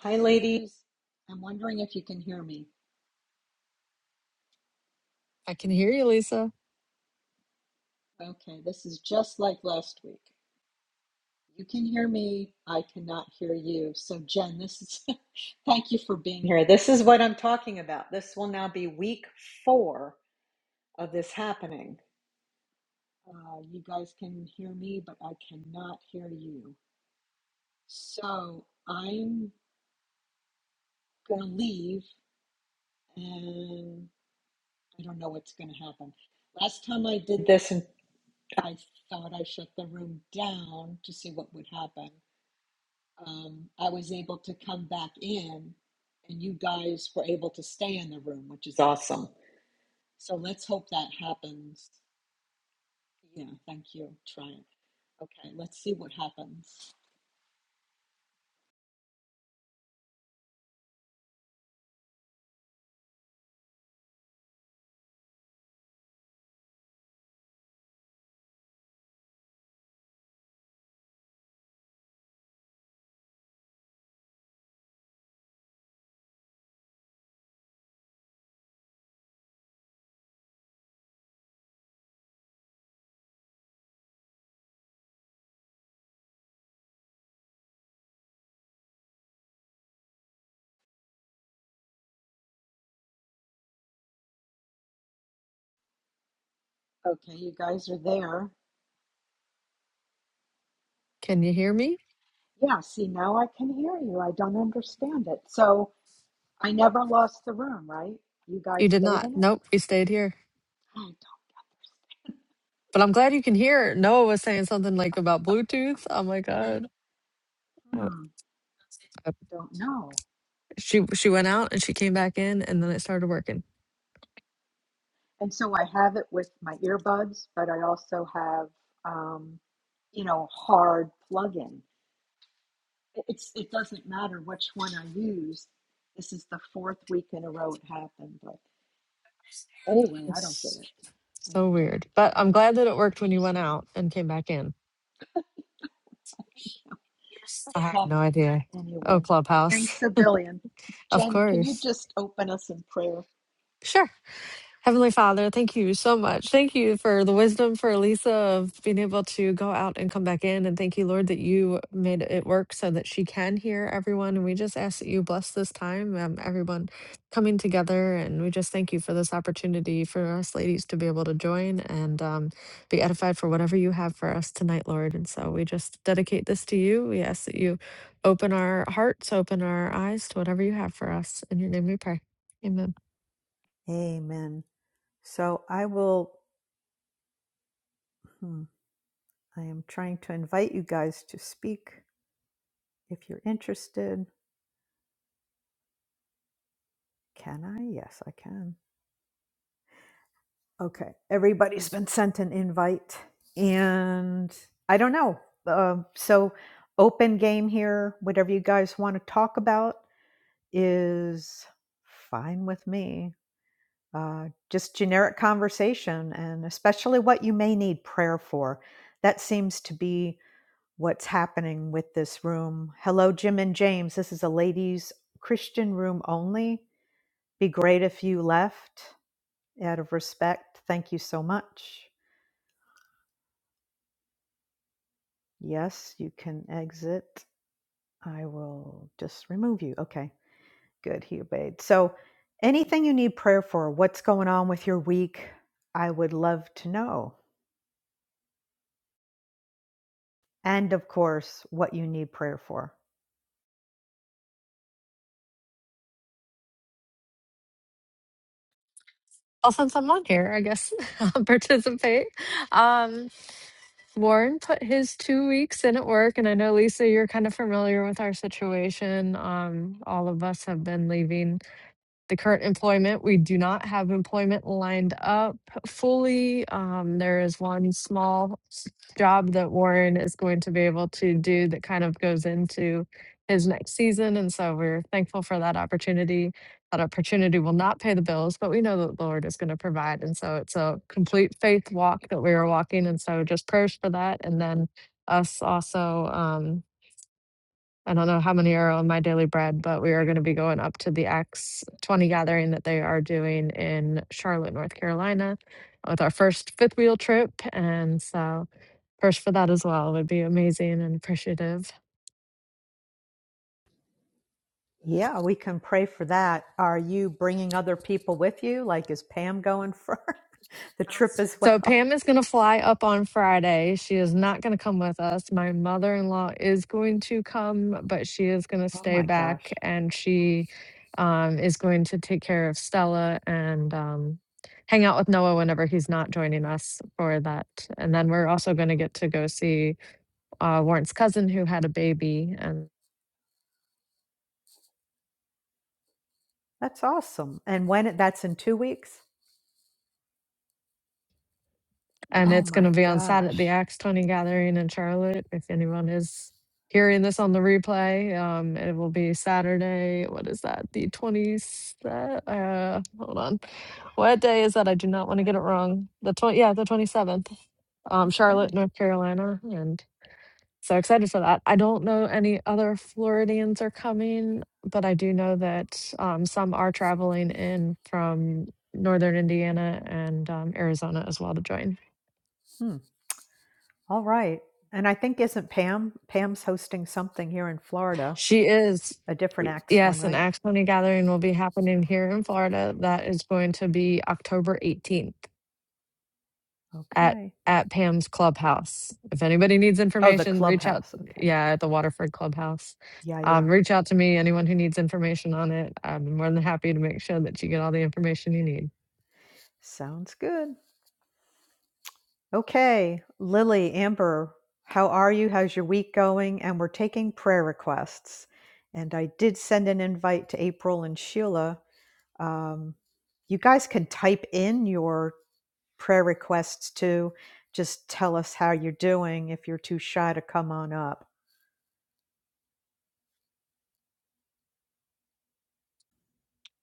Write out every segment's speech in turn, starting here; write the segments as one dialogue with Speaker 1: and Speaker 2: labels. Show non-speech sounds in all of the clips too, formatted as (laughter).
Speaker 1: Hi, ladies. I'm wondering if you can hear me.
Speaker 2: I can hear you, Lisa.
Speaker 1: Okay, this is just like last week. You can hear me. I cannot hear you. So, Jen, this is (laughs) thank you for being here. This is what I'm talking about. This will now be week four of this happening. Uh, you guys can hear me, but I cannot hear you. So, I'm going to leave and I don't know what's going to happen. Last time I did this in I thought I shut the room down to see what would happen. Um, I was able to come back in, and you guys were able to stay in the room, which is awesome. So let's hope that happens. Yeah, thank you. Try it. Okay, let's see what happens. Okay, you guys are there.
Speaker 2: Can you hear me?
Speaker 1: Yeah, see, now I can hear you. I don't understand it. So I never lost the room, right? You guys
Speaker 2: You did
Speaker 1: stayed
Speaker 2: not.
Speaker 1: in it?
Speaker 2: Nope, we stayed here.
Speaker 1: I
Speaker 2: But I'm glad you can hear. Noah was saying something like about Bluetooth. Oh my God.
Speaker 1: don't,
Speaker 2: Uh,
Speaker 1: hmm,
Speaker 2: uh,
Speaker 1: don't know.
Speaker 2: She she went out and she came back in and then it started working.
Speaker 1: and so I have it with my earbuds, but I also have, um, you know, hard plug-in. It- It's it doesn't matter which one I use. This is the fourth week in a row it happened. But anyway, I don't get
Speaker 2: It's
Speaker 1: it. I
Speaker 2: so
Speaker 1: don't
Speaker 2: weird. But
Speaker 1: get
Speaker 2: I'm
Speaker 1: it.
Speaker 2: glad that it worked
Speaker 1: It
Speaker 2: when you
Speaker 1: is
Speaker 2: went
Speaker 1: weird.
Speaker 2: out and came back in. I have
Speaker 1: Huh.
Speaker 2: no idea. Oh,
Speaker 1: Anyway,
Speaker 2: Clubhouse.
Speaker 1: thanks a billion.
Speaker 2: Of
Speaker 1: Jen, can you
Speaker 2: course.
Speaker 1: just open us in prayer?
Speaker 2: Sure. Heavenly Father, thank you so much. Thank you for the wisdom for Elisa of being able to go out and come back in. And thank you, Lord, that you made it work so that she can hear everyone. And we just ask that you bless this time, um, everyone coming together. And we just thank you for this opportunity for us ladies to be able to join and um, be edified for whatever you have for us tonight, Lord. And so we just dedicate this to you. We ask that you open our hearts, open our eyes to whatever you have for us. In your name we pray. Amen.
Speaker 1: Amen. So I will, hmm, I am trying to invite you guys to speak if you're interested. Can I? Yes, I can. Okay. Everybody's been sent an invite, and I don't know. Um, so, open game here. Whatever you guys want to talk about is fine with me. Uh, just generic conversation, and especially what you may need prayer for. That seems to be what's happening with this room. Hello, Jim and James. This is a ladies' Christian room only. Be great if you left. out of respect, thank you so much. Yes, you can exit. I will just remove you. Okay, good. He obeyed. So, anything you need prayer for, what's going on with your week, I would love to know. And of course, what you need prayer for.
Speaker 2: Well, since I'm on here, I guess (laughs) I'll participate. Um, Warren put his two weeks in at work, and I know Lisa, you're kind of familiar with our situation. Um, all of us have been leaving the current employment, we do not have employment lined up fully. Um, there is one small job that Warren is going to be able to do that kind of goes into his next season. And so we're thankful for that opportunity. That opportunity will not pay the bills, but we know that the Lord is going to provide. And so it's a complete faith walk that we are walking. And so just prayers for that. And then us also. um, I don't know how many are on my daily bread, but we are going to be going up to the X20 gathering that they are doing in Charlotte, North Carolina, with our first fifth wheel trip. And so, first for that as well would be amazing and appreciative.
Speaker 1: Yeah, we can pray for that. Are you bringing other people with you? Like, is Pam going for (laughs) the trip as
Speaker 2: So
Speaker 1: well?
Speaker 2: Pam is going to fly up on Friday. She is not going to come with us. My mother-in-law is going to come, but she is going to
Speaker 1: Oh
Speaker 2: stay
Speaker 1: my gosh,
Speaker 2: back and she um, is going to take care of Stella and um, hang out with Noah whenever he's not joining us for that. And then we're also going to get to go see uh, Warren's cousin who had a baby and
Speaker 1: that's awesome. And when it, that's in two weeks?
Speaker 2: And
Speaker 1: Oh
Speaker 2: it's going to
Speaker 1: my
Speaker 2: be on Saturday, the
Speaker 1: gosh.
Speaker 2: Acts 20 gathering in Charlotte. If anyone is hearing this on the replay, um, it will be Saturday. What is that? The 27th? Uh, hold on. What day is that? I do not want to get it wrong. The 20, yeah, the 27th. Um, Charlotte,
Speaker 1: Okay.
Speaker 2: North Carolina. And so excited for that. I don't know any other Floridians are coming, but I do know that um, some are traveling in from northern Indiana and um, Arizona as well to join.
Speaker 1: Hmm. All right. And I think isn't Pam? Pam's hosting something here in Florida,
Speaker 2: She is.
Speaker 1: a different X one,
Speaker 2: Yes, an
Speaker 1: right?
Speaker 2: Acts20 gathering will be happening here in Florida. That is going to be October 18th at
Speaker 1: Okay.
Speaker 2: at Pam's Clubhouse. If anybody needs
Speaker 1: Oh, the
Speaker 2: information, reach out.
Speaker 1: clubhouse. Okay.
Speaker 2: Yeah, at the Waterford Clubhouse.
Speaker 1: Yeah,
Speaker 2: Um,
Speaker 1: yeah.
Speaker 2: reach out to me. Anyone who needs information on it, I'm more than happy to make sure that you get all the information you need.
Speaker 1: Sounds good. Okay. Lily, Amber, how are you? How's your week going? And we're taking prayer requests. And I did send an invite to April and Sheila. Um, you guys can type in your prayer requests too. Just tell us how you're doing if you're too shy to come on up.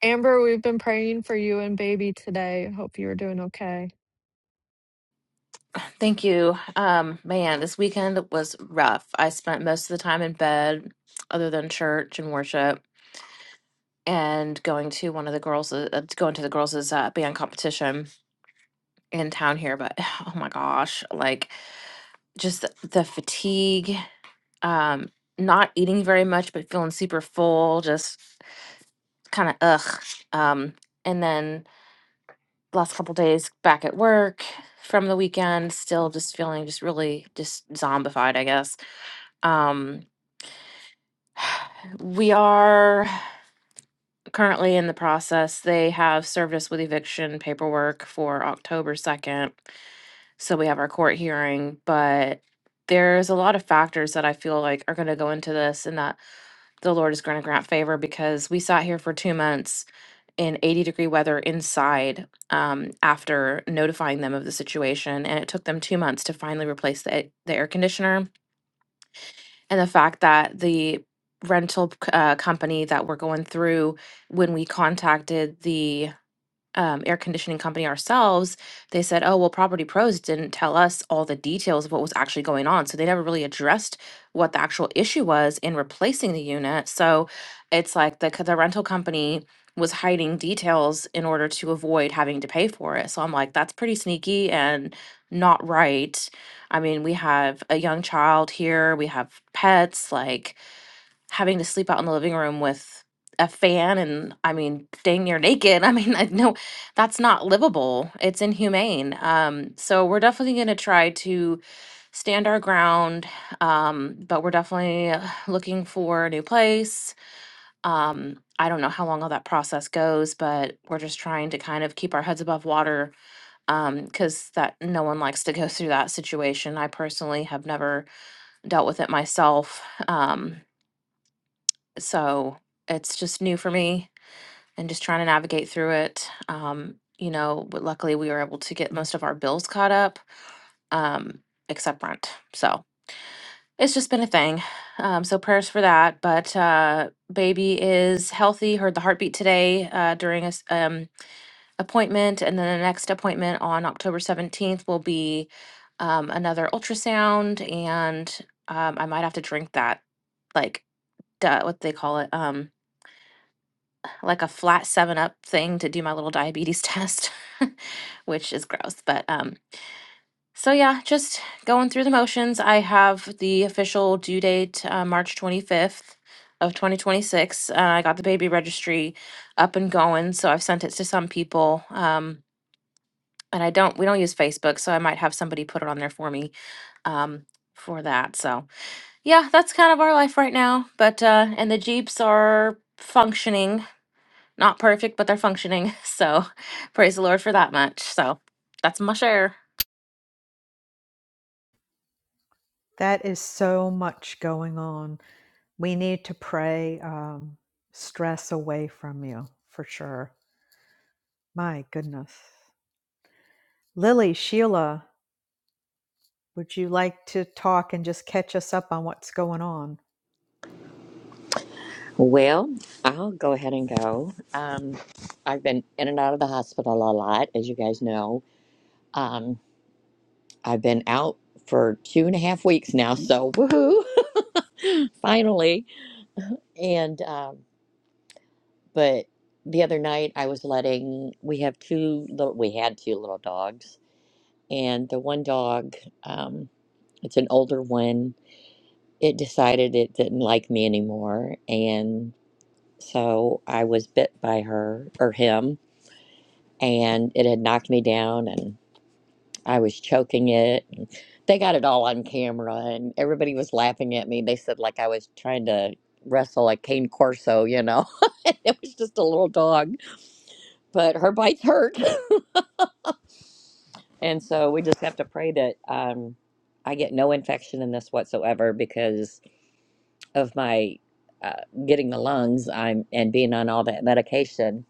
Speaker 2: Amber, we've been praying for you and baby today. Hope you're doing okay.
Speaker 3: Thank you. Um, man, this weekend was rough. I spent most of the time in bed, other than church and worship, and going to one of the girls, uh, uh, going to the girls' uh, band competition in town here. But (sighs) oh my gosh, like just the, the fatigue, um, not eating very much, but feeling super full, just kind of ugh. Um, and then last couple days back at work from the weekend, still just feeling just really just zombified, I guess. Um, We are currently in the process. They have served us with eviction paperwork for October 2nd. So we have our court hearing, but there's a lot of factors that I feel like are going to go into this and that the Lord is going to grant favor because we sat here for two months in 80 degree weather inside um, after notifying them of the situation. And it took them two months to finally replace the, a- the air conditioner and the fact that the rental c- uh, company that we're going through, when we contacted the um, air conditioning company ourselves, they said, oh, well, Property Pros didn't tell us all the details of what was actually going on. So they never really addressed what the actual issue was in replacing the unit. So it's like the, c- the rental company was hiding details in order to avoid having to pay for it. So I'm like, that's pretty sneaky and not right. I mean, we have a young child here, we have pets, like, having to sleep out in the living room with a fan and I mean dang near naked. (laughs) I mean, I no, that's not livable. It's inhumane. Um, so we're definitely going to try to stand our ground, um, but we're definitely uh, looking for a new place. Um, I don't know how long all that process goes, but we're just trying to kind of keep our heads above water because that no one likes to go through that situation. I personally have never dealt with it myself. Um, so it's just new for me and just trying to navigate through it um you know but luckily we were able to get most of our bills caught up um except rent so it's just been a thing um so prayers for that but uh baby is healthy heard the heartbeat today uh during a s- um appointment and then the next appointment on october 17th will be um another ultrasound and um i might have to drink that like duh, what do they call it um, like a flat seven up thing to do my little diabetes test, (laughs) which is gross. But um, so yeah, just going through the motions. I have the official due date uh, March 25th of 2026. Uh, I got the baby registry up and going, so I've sent it to some people. Um, and I don't, we don't use Facebook, so I might have somebody put it on there for me um, for that. So yeah, that's kind of our life right now. But uh, and the Jeeps are functioning not perfect, but they're functioning. (laughs) So praise the Lord for that much. So that's my share.
Speaker 1: That is so much going on. We need to pray um, stress away from you for sure. My goodness. Lily, Sheila, would you like to talk and just catch us up on what's going on?
Speaker 4: Well, I'll go ahead and go. Um, I've been in and out of the hospital a lot, as you guys know. Um, I've been out for two and a half weeks now, so woohoo, (laughs) finally. And um, but the other night I was letting we have two little we had two little dogs, and the one dog, um, it's an older one. It decided it didn't like me anymore, and so I was bit by her or him and it had knocked me down and I was choking it and they got it all on camera and everybody was laughing at me. They said like I was trying to wrestle a cane corso, you know. (laughs) it was just a little dog, but her bites hurt. (laughs) And so we just have to pray that um I get no infection in this whatsoever because of my uh, getting the lungs I'm and being on all that medication.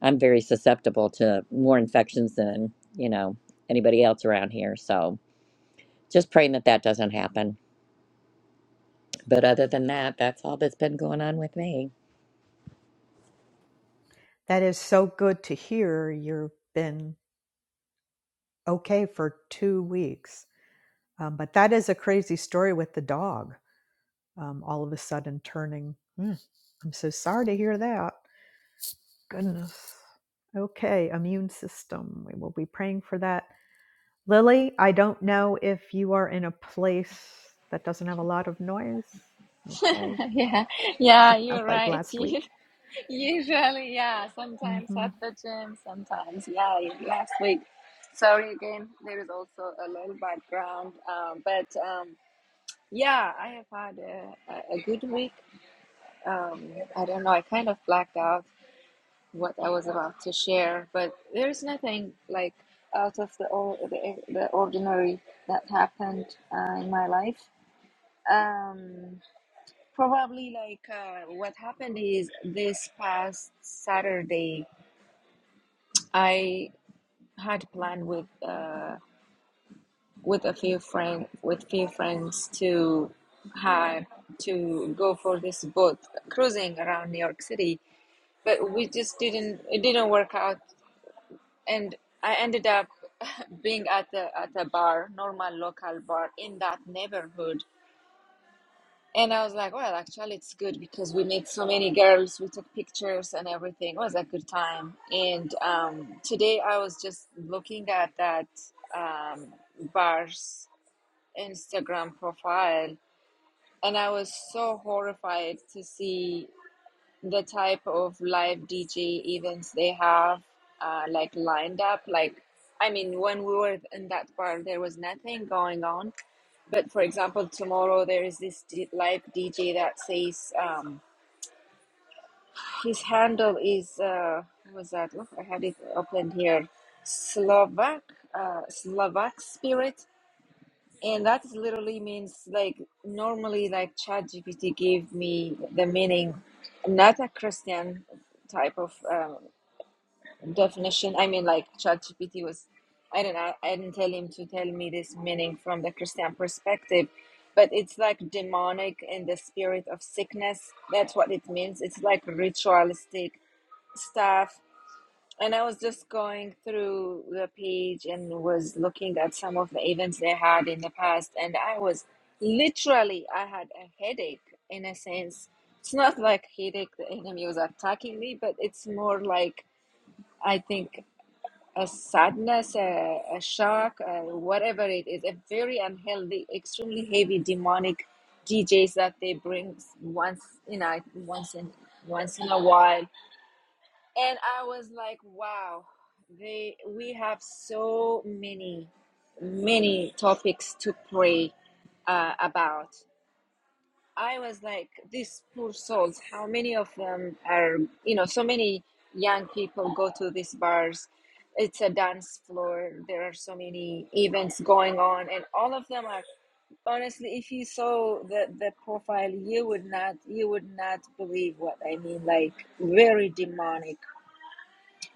Speaker 4: I'm very susceptible to more infections than, you know, anybody else around here. So, just praying that that doesn't happen. But other than that, that's all that's been going on with me.
Speaker 1: That is so good to hear. You've been okay for two weeks. Um, but that is a crazy story with the dog um, all of a sudden turning. "Hmm, I'm so sorry to hear that. Goodness. Okay, immune system. We will be praying for that. Lily, I don't know if you are in a place that doesn't have a lot of noise. Okay,
Speaker 5: (laughs) Yeah, yeah, you're
Speaker 1: (laughs) like
Speaker 5: right. (laughs)
Speaker 1: last
Speaker 5: You-
Speaker 1: week.
Speaker 5: Usually, yeah, sometimes
Speaker 1: hmm
Speaker 5: at the gym, sometimes, yeah, last week. Sorry again, there is also a little background, um, but um, yeah, I have had a, a a good week. Um, I don't know, I kind of blacked out what I was about to share, but there's nothing like out of the, or, the, the ordinary that happened uh, in my life. Um, Probably like uh, what happened is this past Saturday, I had planned with uh, with a few friend with few friends to have to go for this boat cruising around New York City, but we just didn't it didn't work out, and I ended up (laughs) being at a at a bar, normal local bar in that neighborhood, And I was like, well, actually, it's good because we met so many girls. We took pictures and everything. It was a good time. And um, today I was just looking at that um, bar's Instagram profile, and I was so horrified to see the type of live DJ events they have uh, like lined up. Like, I mean, when we were in that part, there was nothing going on. But for example, tomorrow there is this d- live DJ that says um, his handle is uh, what was that? Look, I had it open here. Slovak, uh, Slovak Spirit. And that literally means like normally like ChatGPT gave me the meaning, not a Christian type of um, definition. I mean like ChatGPT was, I don't know, I didn't tell him to tell me this meaning from the Christian perspective, but it's like demonic in the spirit of sickness. That's what it means. It's like ritualistic stuff and I was just going through the page and was looking at some of the events they had in the past, and I was literally I had a headache in a sense. It's not like headache the enemy was attacking me, but it's more like I think a sadness, a, a shock, uh whatever it is, a very unhealthy, extremely heavy demonic DJs that they bring once you know once in once in a while and I was like, wow, they we have so many, many topics to pray uh, about. I was like, these poor souls, how many of them are, you know, so many young people go to these bars. It's a dance floor. There are so many events going on, and all of them are honestly if you saw the the profile you would not you would not believe what i mean like very demonic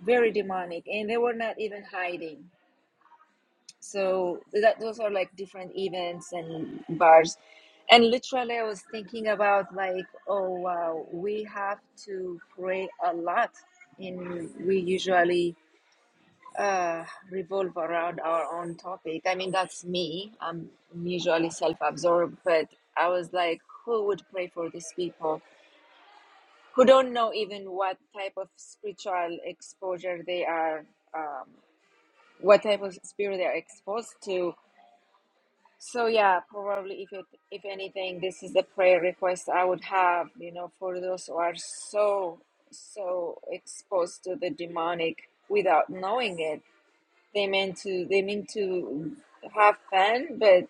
Speaker 5: very demonic and they were not even hiding so that those are like different events and bars and literally i was thinking about like oh wow we have to pray a lot and we usually uh revolve around our own topic i mean that's me i'm usually self-absorbed but i was like who would pray for these people who don't know even what type of spiritual exposure they are um, what type of spirit they're exposed to. So yeah, probably if it, if anything, this is the prayer request I would have, you know, for those who are so so exposed to the demonic without knowing it. They meant to they mean to have fun, but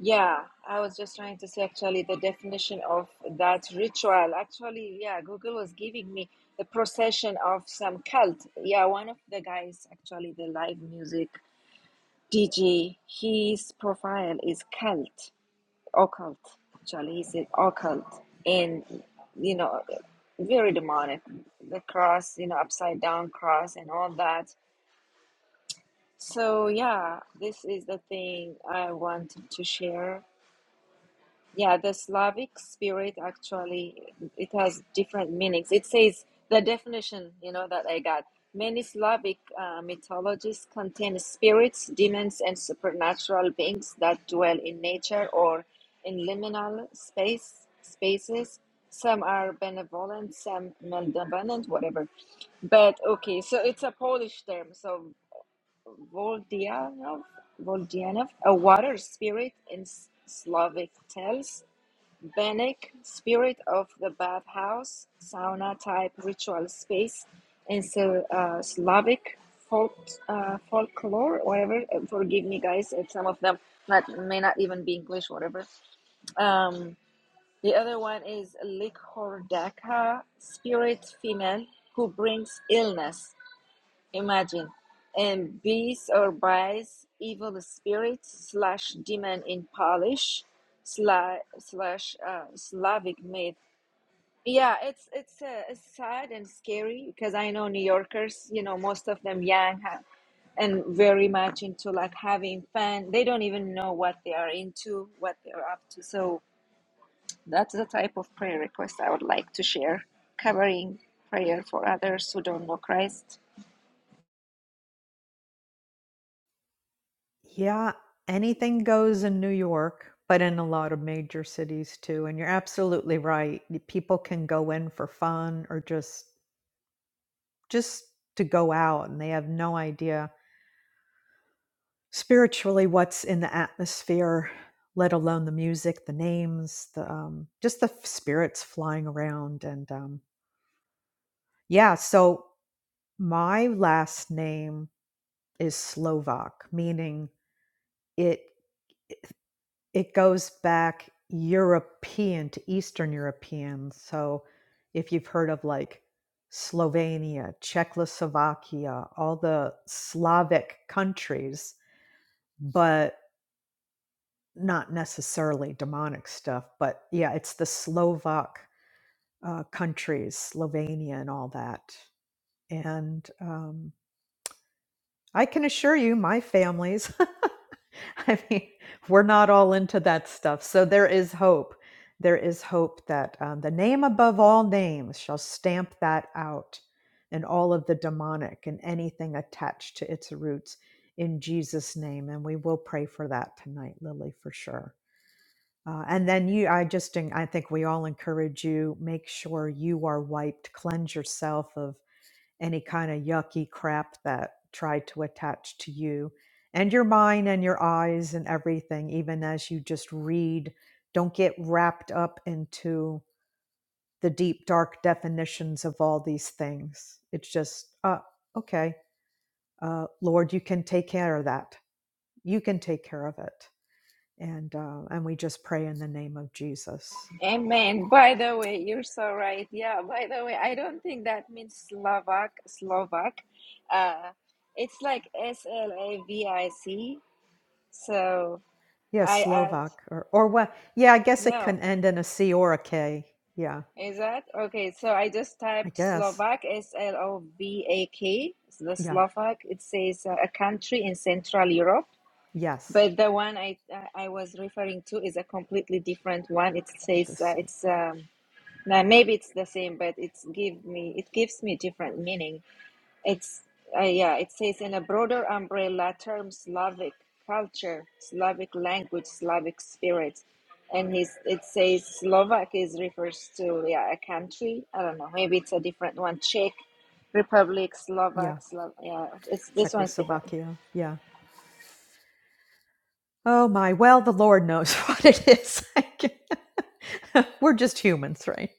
Speaker 5: yeah, I was just trying to say actually the definition of that ritual. Actually, yeah, Google was giving me the procession of some cult. Yeah, one of the guys actually the live music Dj, his profile is cult, occult. Actually, he's an occult, and you know, very demonic. The cross, you know, upside down cross, and all that. So yeah, this is the thing I wanted to share. Yeah, the Slavic spirit actually it has different meanings. It says the definition, you know, that I got. Many Slavic uh, mythologies contain spirits, demons, and supernatural beings that dwell in nature or in liminal space spaces. Some are benevolent, some malevolent, whatever. But okay, so it's a Polish term. So Voldianov, Voldianov, a water spirit in S- Slavic tales Bannack, spirit of the bathhouse, sauna type ritual space in Sl- uh, Slavic folk, uh, folklore, whatever. Uh, Forgive me, guys, if some of them not, may not even be English, whatever. Um, the other one is Likhordaka, spirit female who brings illness. Imagine. And beast or bites, evil spirit slash demon in Polish slash slash uh, Slavic myth. Yeah, it's it's uh, it's sad and scary because I know New Yorkers. You know, most of them young ha- and very much into like having fun. They don't even know what they are into, what they are up to. So that's the type of prayer request I would like to share, covering prayer for others who don't know Christ.
Speaker 1: Yeah, anything goes in New York, but in a lot of major cities too. And you're absolutely right. People can go in for fun or just just to go out, and they have no idea spiritually what's in the atmosphere let alone the music the names the um, just the spirits flying around and um, yeah so my last name is slovak meaning it it goes back european to eastern european so if you've heard of like slovenia czechoslovakia all the slavic countries but not necessarily demonic stuff, but yeah, it's the Slovak uh, countries, Slovenia, and all that. And um, I can assure you, my families, (laughs) I mean, we're not all into that stuff. So there is hope. There is hope that um, the name above all names shall stamp that out and all of the demonic and anything attached to its roots in Jesus' name. And we will pray for that tonight, Lily, for sure. Uh, and then you, I just, en- I think we all encourage you make sure you are wiped, cleanse yourself of any kind of yucky crap that tried to attach to you and your mind and your eyes and everything, even as you just read. Don't get wrapped up into the deep, dark definitions of all these things. It's just, uh, okay, uh, Lord, you can take care of that. You can take care of it. And, uh, and we just pray in the name of Jesus.
Speaker 5: Amen. By the way, you're so right. Yeah, by the way, I don't think that means Slovak, Slovak. Uh, it's like S L A V I C. So
Speaker 1: Yeah,
Speaker 5: I add,
Speaker 1: Slovak or or what? Yeah, I guess it
Speaker 5: no,
Speaker 1: can end in a C or a K. Yeah,
Speaker 5: is that? Okay, so I just
Speaker 1: I
Speaker 5: typed
Speaker 1: guess.
Speaker 5: Slovak, S L O V A K. It's the
Speaker 1: Yeah,
Speaker 5: Slovak. It says uh, a country in Central Europe.
Speaker 1: yes,
Speaker 5: But the one I uh, I was referring to is a completely different one. It
Speaker 1: with the
Speaker 5: says uh,
Speaker 1: C.
Speaker 5: it's um, Now, maybe it's the same, but it's give me it gives me different meaning. It's uh, yeah, it says in a broader umbrella term, Slavic culture, Slavic language, Slavic spirit, and he's it says Slovak is refers to yeah a country. I don't know, maybe it's a different one. Czech Republic, Slovak,
Speaker 1: Yeah,
Speaker 5: Slav, yeah, it's this one's different.
Speaker 1: Czechoslovakia. Yeah. Oh my. Well, the Lord knows (laughs) what it is. I can't- (laughs) We're just humans, right?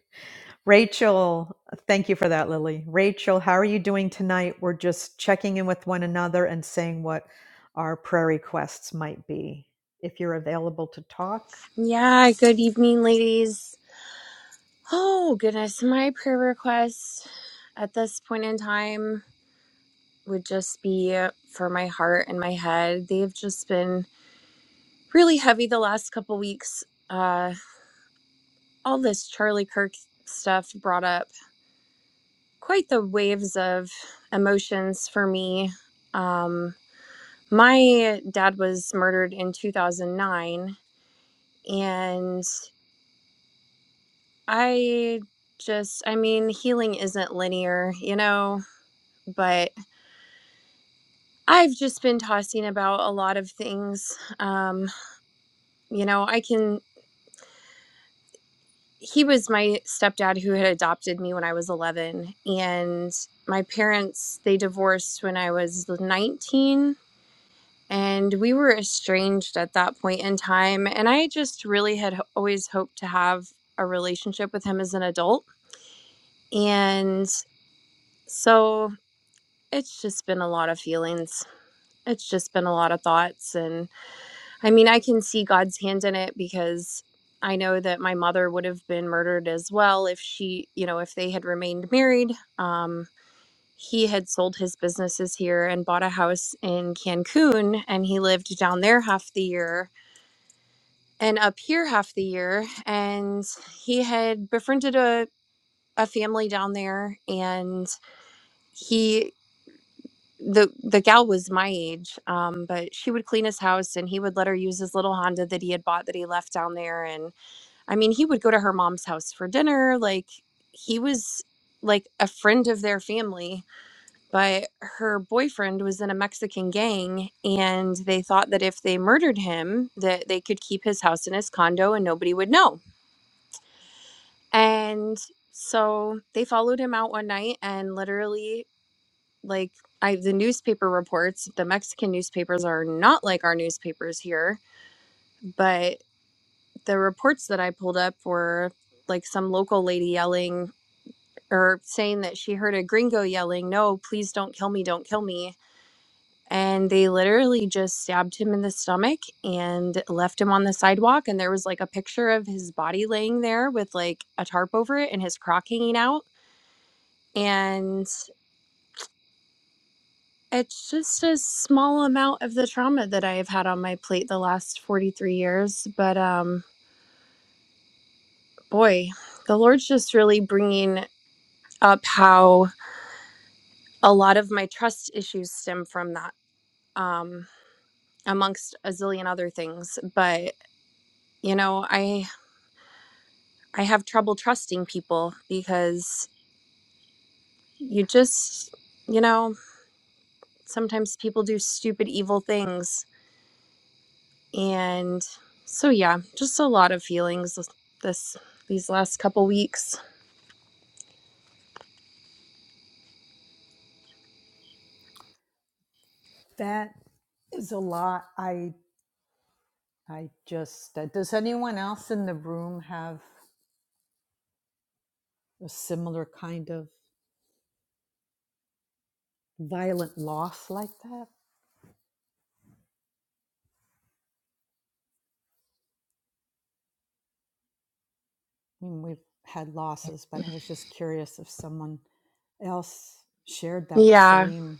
Speaker 1: Rachel, thank you for that, Lily. Rachel, how are you doing tonight? We're just checking in with one another and saying what our prayer requests might be. If you're available to talk,
Speaker 6: Yeah, good evening, ladies. Oh, goodness. My prayer request at this point in time would just be for my heart and my head. They've just been really heavy the last couple weeks. Uh, all this Charlie Kirk stuff brought up quite the waves of emotions for me. Um, my dad was murdered in 2009, and I just, I mean, healing isn't linear, you know? but I've just been tossing about a lot of things. Um, you know, I can. He was my stepdad who had adopted me when I was 11, and my parents they divorced when I was 19, and we were estranged at that point in time. And I just really had ho- always hoped to have a relationship with him as an adult, and so it's just been a lot of feelings. It's just been a lot of thoughts and I mean, I can see God's hand in it because I know that my mother would have been murdered as well if she, you know, if they had remained married. Um, he had sold his businesses here and bought a house in Cancun, and he lived down there half the year and up here half the year. And he had befriended a, a family down there, and he the the gal was my age um but she would clean his house and he would let her use his little honda that he had bought that he left down there I mean, he would go to her mom's house for dinner. Like, he was like a friend of their family, but her boyfriend was in a Mexican gang, and they thought that if they murdered him, that they could keep his house and his condo and nobody would know. And so they followed him out one night and literally like I the newspaper reports, the Mexican newspapers are not like our newspapers here, but the reports that I pulled up were like some local lady yelling or saying that she heard a gringo yelling, No, please don't kill me, don't kill me. And they literally just stabbed him in the stomach and left him on the sidewalk. And there was like a picture of his body laying there with like a tarp over it and his crock hanging out. And it's just a small amount of the trauma that I have had on my plate the last 43 years. But um, boy, the Lord's just really bringing up how a lot of my trust issues stem from that. Um, amongst a zillion other things but you know i i have trouble trusting people because you just you know sometimes people do stupid evil things and so yeah just a lot of feelings this this- these last couple weeks
Speaker 1: That is a lot. I I just, uh, does anyone else in the room have a similar kind of violent loss like that? I mean, we've had losses, but I was just curious if someone else shared that
Speaker 6: yeah
Speaker 1: same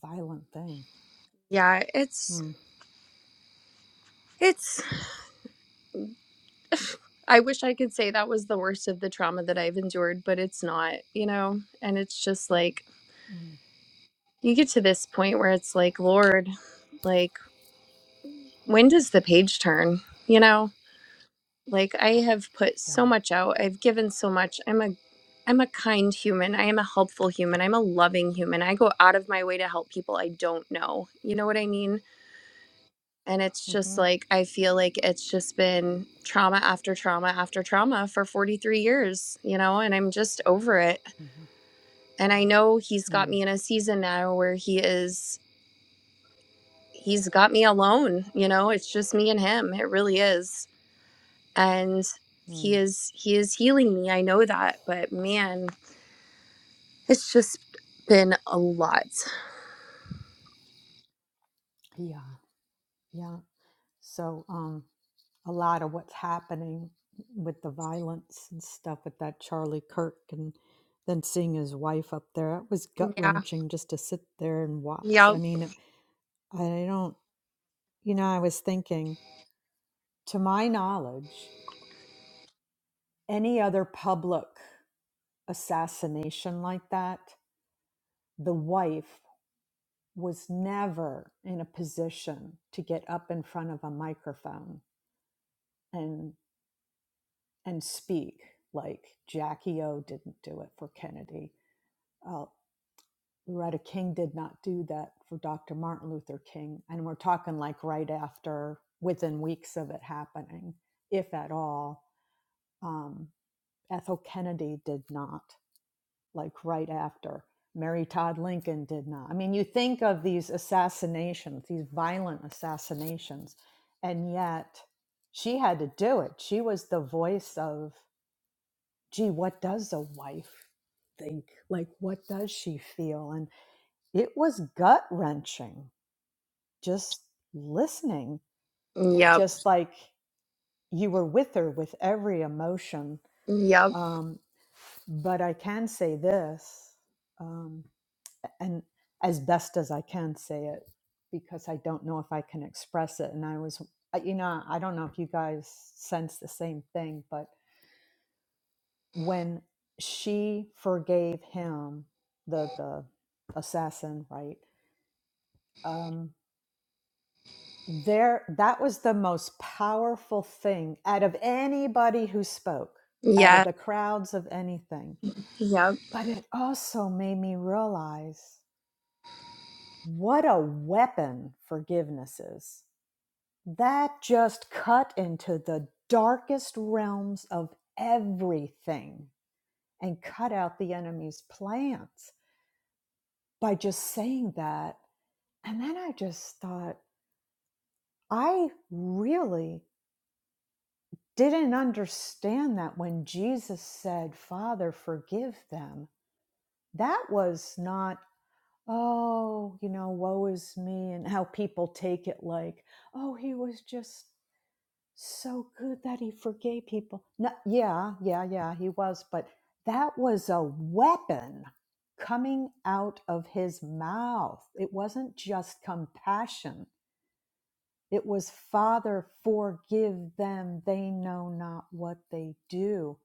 Speaker 1: violent thing.
Speaker 6: yeah it's
Speaker 1: Mm,
Speaker 6: it's i wish i could say that was the worst of the trauma that i've endured but it's not you know and it's just like
Speaker 1: mm,
Speaker 6: you get to this point where it's like lord like when does the page turn you know like i have put
Speaker 1: yeah.
Speaker 6: so much out i've given so much i'm a i'm a kind human i am a helpful human i'm a loving human i go out of my way to help people i don't know you know what i mean and it's just
Speaker 1: Mm-hmm,
Speaker 6: like i feel like it's just been trauma after trauma after trauma for 43 years you know and i'm just over it
Speaker 1: mm-hmm,
Speaker 6: and i know he's got
Speaker 1: mm,
Speaker 6: me in a season now where he is he's got me alone you know it's just me and him it really is and he
Speaker 1: mm,
Speaker 6: is he is healing me i know that but man it's just been a lot
Speaker 1: yeah. Yeah. So, um, a lot of what's happening with the violence and stuff with that Charlie Kirk and then seeing his wife up there. It was gut
Speaker 6: yeah
Speaker 1: wrenching just to sit there and watch.
Speaker 6: yep
Speaker 1: I mean, I don't, you know, I was thinking, to my knowledge, any other public assassination like that, the wife was never in a position to get up in front of a microphone and and speak like Jackie O didn't do it for Kennedy Uh, Loretta King did not do that for Dr. Martin Luther King. And we're talking like right after, within weeks of it happening, if at all. Um, Ethel Kennedy did not, like right after. Mary Todd Lincoln did not. I mean, you think of these assassinations, these violent assassinations, and yet she had to do it. She was the voice of, gee, what does a wife think? Like, what does she feel? And it was gut wrenching just listening and
Speaker 6: yep
Speaker 1: just like you were with her with every emotion.
Speaker 6: yep
Speaker 1: Um, but I can say this, um, and as best as I can say it, because I don't know if I can express it. And I was, uh, you know, I don't know if you guys sense the same thing, but when she forgave him, the the assassin, right? Um, there that was the most powerful thing out of anybody who spoke out of
Speaker 6: yeah
Speaker 1: the crowds of anything
Speaker 6: yep
Speaker 1: but it also made me realize what a weapon forgiveness is that just cut into the darkest realms of everything and cut out the enemy's plans by just saying that and then i just thought i really didn't understand that when Jesus said, Father, forgive them, that was not, oh, you know, woe is me, and how people take it like, oh, he was just so good that he forgave people. No, yeah, yeah, yeah, he was, but that was a weapon coming out of his mouth. It wasn't just compassion. It was, Father, forgive them. They know not what they do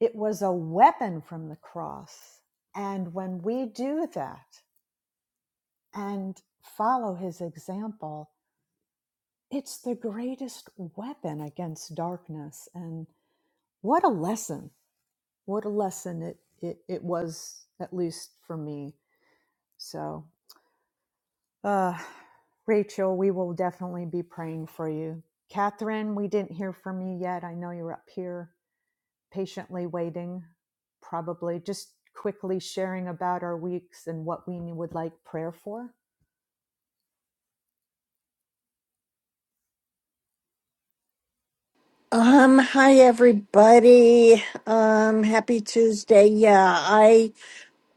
Speaker 1: It was a weapon from the cross. And when we do that and follow his example, it's the greatest weapon against darkness. And what a lesson. What a lesson it, it, it was, at least for me. So, uh, Rachel, we will definitely be praying for you. Catherine, we didn't hear from you yet. I know you're up here. patiently waiting, probably just quickly sharing about our weeks and what we would like prayer for.
Speaker 7: Um, hi everybody. Um, happy Tuesday. Yeah, I,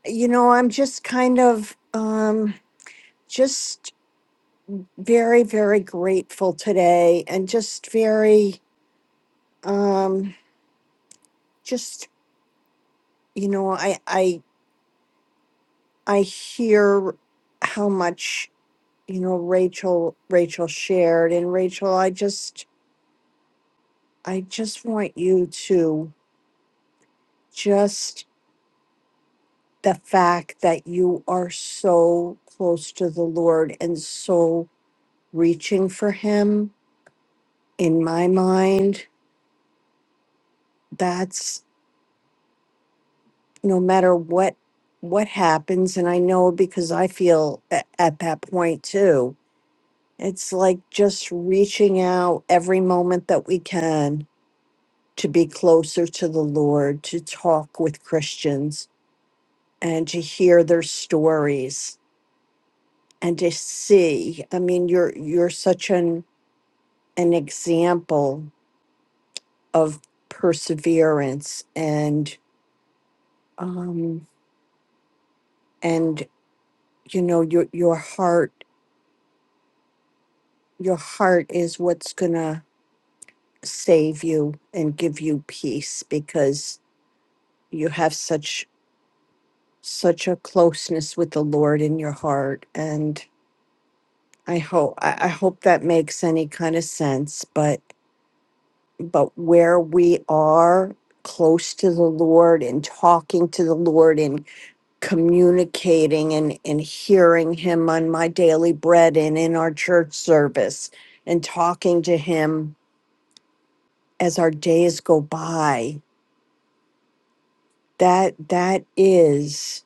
Speaker 7: you know, I'm just kind of, um, just very, very grateful today and just very, um, just, you know, I, I, I hear how much, you know, Rachel, Rachel shared and Rachel, I just, I just want you to just the fact that you are so close to the Lord and so reaching for him in my mind that's no matter what what happens and I know because I feel at, at that point too it's like just reaching out every moment that we can to be closer to the Lord to talk with Christians and to hear their stories and to see I mean you're you're such an an example of perseverance and um and you know your your heart your heart is what's going to save you and give you peace because you have such such a closeness with the lord in your heart and i hope I, I hope that makes any kind of sense but but where we are close to the lord and talking to the lord in communicating and, and hearing him on my daily bread and in our church service and talking to him as our days go by that that is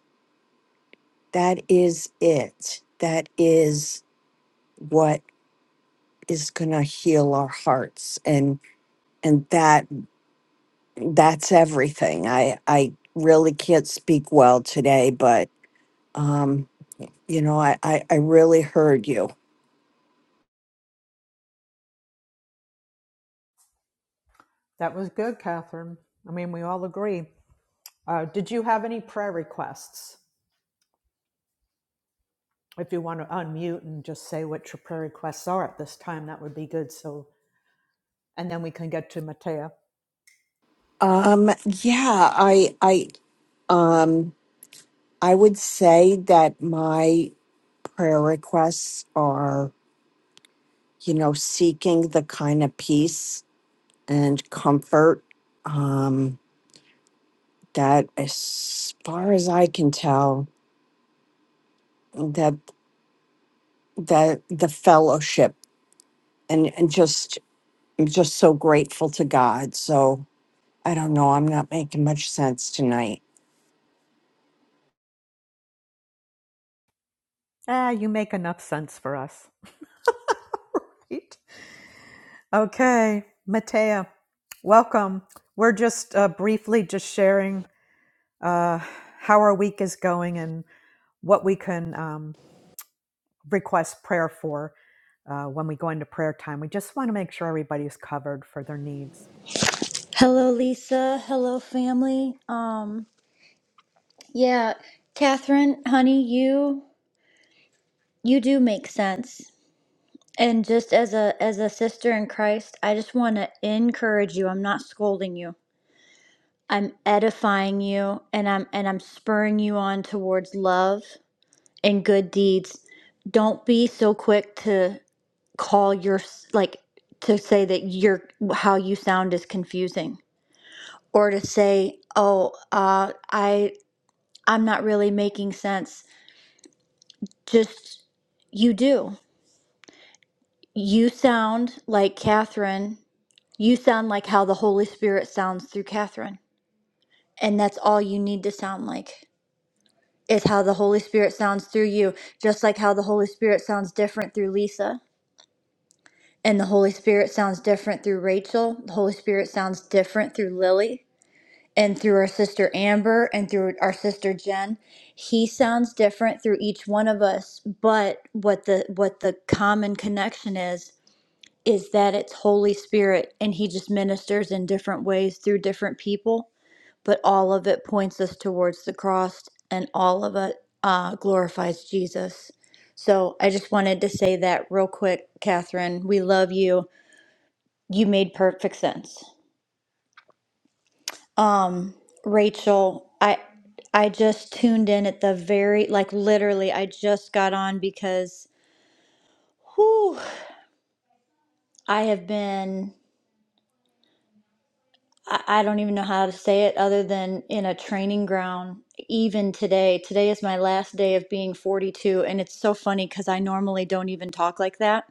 Speaker 7: that is it that is what is going to heal our hearts and and that that's everything i i really can't speak well today but um you know i i, I really heard you
Speaker 1: That was good, Catherine. I mean, we all agree. Uh, did you have any prayer requests? If you want to unmute and just say what your prayer requests are at this time, that would be good. So, and then we can get to Matea.
Speaker 7: um yeah i i Um, I would say that my prayer requests are, you know, seeking the kind of peace and comfort um, that, as far as I can tell, that that the fellowship and and just I'm just so grateful to God. So I don't know. I'm not making much sense tonight.
Speaker 1: Ah, you make enough sense for us. Right? Okay, Matea, welcome. We're just uh, briefly just sharing uh, how our week is going and what we can um, request prayer for uh, when we go into prayer time. We just want to make sure everybody's covered for their needs.
Speaker 8: Hello, Lisa. Hello, family. Um, yeah, Catherine, honey, you you do make sense. And just as a as a sister in Christ, I just want to encourage you. I'm not scolding you. I'm edifying you, and I'm and I'm spurring you on towards love and good deeds. Don't be so quick to call your like to say that your how you sound is confusing or to say, "Oh, uh, I." I'm not really making sense. Just you do. You sound like Catherine. You sound like how the Holy Spirit sounds through Catherine. And that's all you need to sound like is how the Holy Spirit sounds through you, just like how the Holy Spirit sounds different through Lisa. And the Holy Spirit sounds different through Rachel. The Holy Spirit sounds different through Lily. and through our sister Amber and through our sister Jen. He sounds different through each one of us, but what the what the common connection is is that it's Holy Spirit and he just ministers in different ways through different people, but all of it points us towards the cross and all of it uh, glorifies Jesus. So I just wanted to say that real quick, Catherine. We love you. You made perfect sense. Um, Rachel, I I just tuned in at the very like literally I just got on because whew, I have been I, I don't even know how to say it other than in a training ground even today. Today is my last day of being 42 and it's so funny cuz I normally don't even talk like that.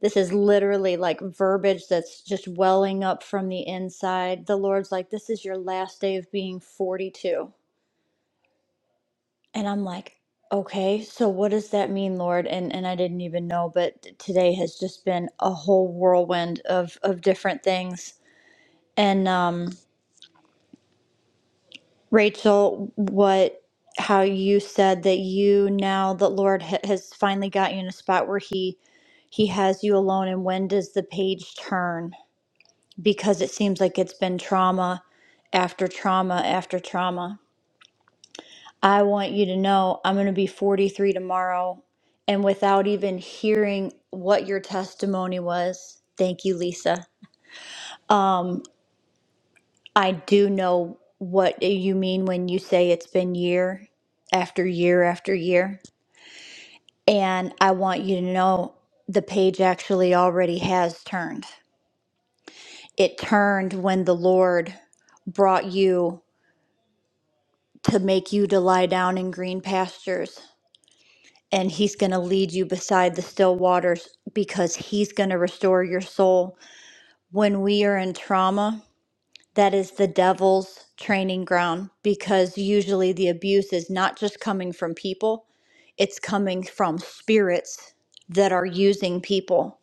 Speaker 8: This is literally like verbiage that's just welling up from the inside. The Lord's like, This is your last day of being 42 And I'm like, okay, so what does that mean, Lord? And and I didn't even know, but t- today has just been a whole whirlwind of of different things. And um, Rachel, what how you said that you now the Lord ha- has finally got you in a spot where he he has you alone and when does the page turn? Because it seems like it's been trauma after trauma after trauma. I want you to know I'm going to be 43 tomorrow. And without even hearing what your testimony was, thank you, Lisa. Um, I do know what you mean when you say it's been year after year after year. And I want you to know the page actually already has turned. It turned when the Lord brought you to make you to lie down in green pastures and he's going to lead you beside the still waters because he's going to restore your soul. When we are in trauma, that is the devil's training ground because usually the abuse is not just coming from people, it's coming from spirits that are using people.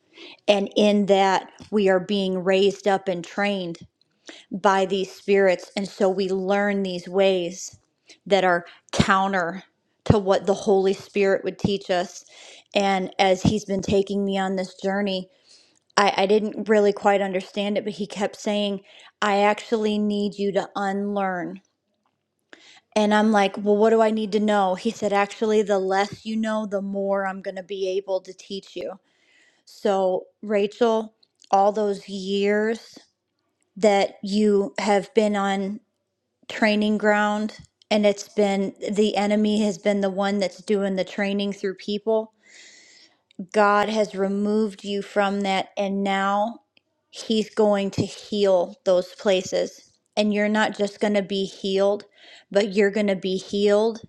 Speaker 8: And in that, we are being raised up and trained by these spirits. And so we learn these ways that are counter to what the Holy Spirit would teach us. And as He's been taking me on this journey, I, I didn't really quite understand it, but He kept saying, I actually need you to unlearn. And I'm like, well, what do I need to know? He said, actually, the less you know, the more I'm going to be able to teach you. So, Rachel, all those years that you have been on training ground and it's been the enemy has been the one that's doing the training through people. God has removed you from that and now he's going to heal those places. And you're not just going to be healed, but you're going to be healed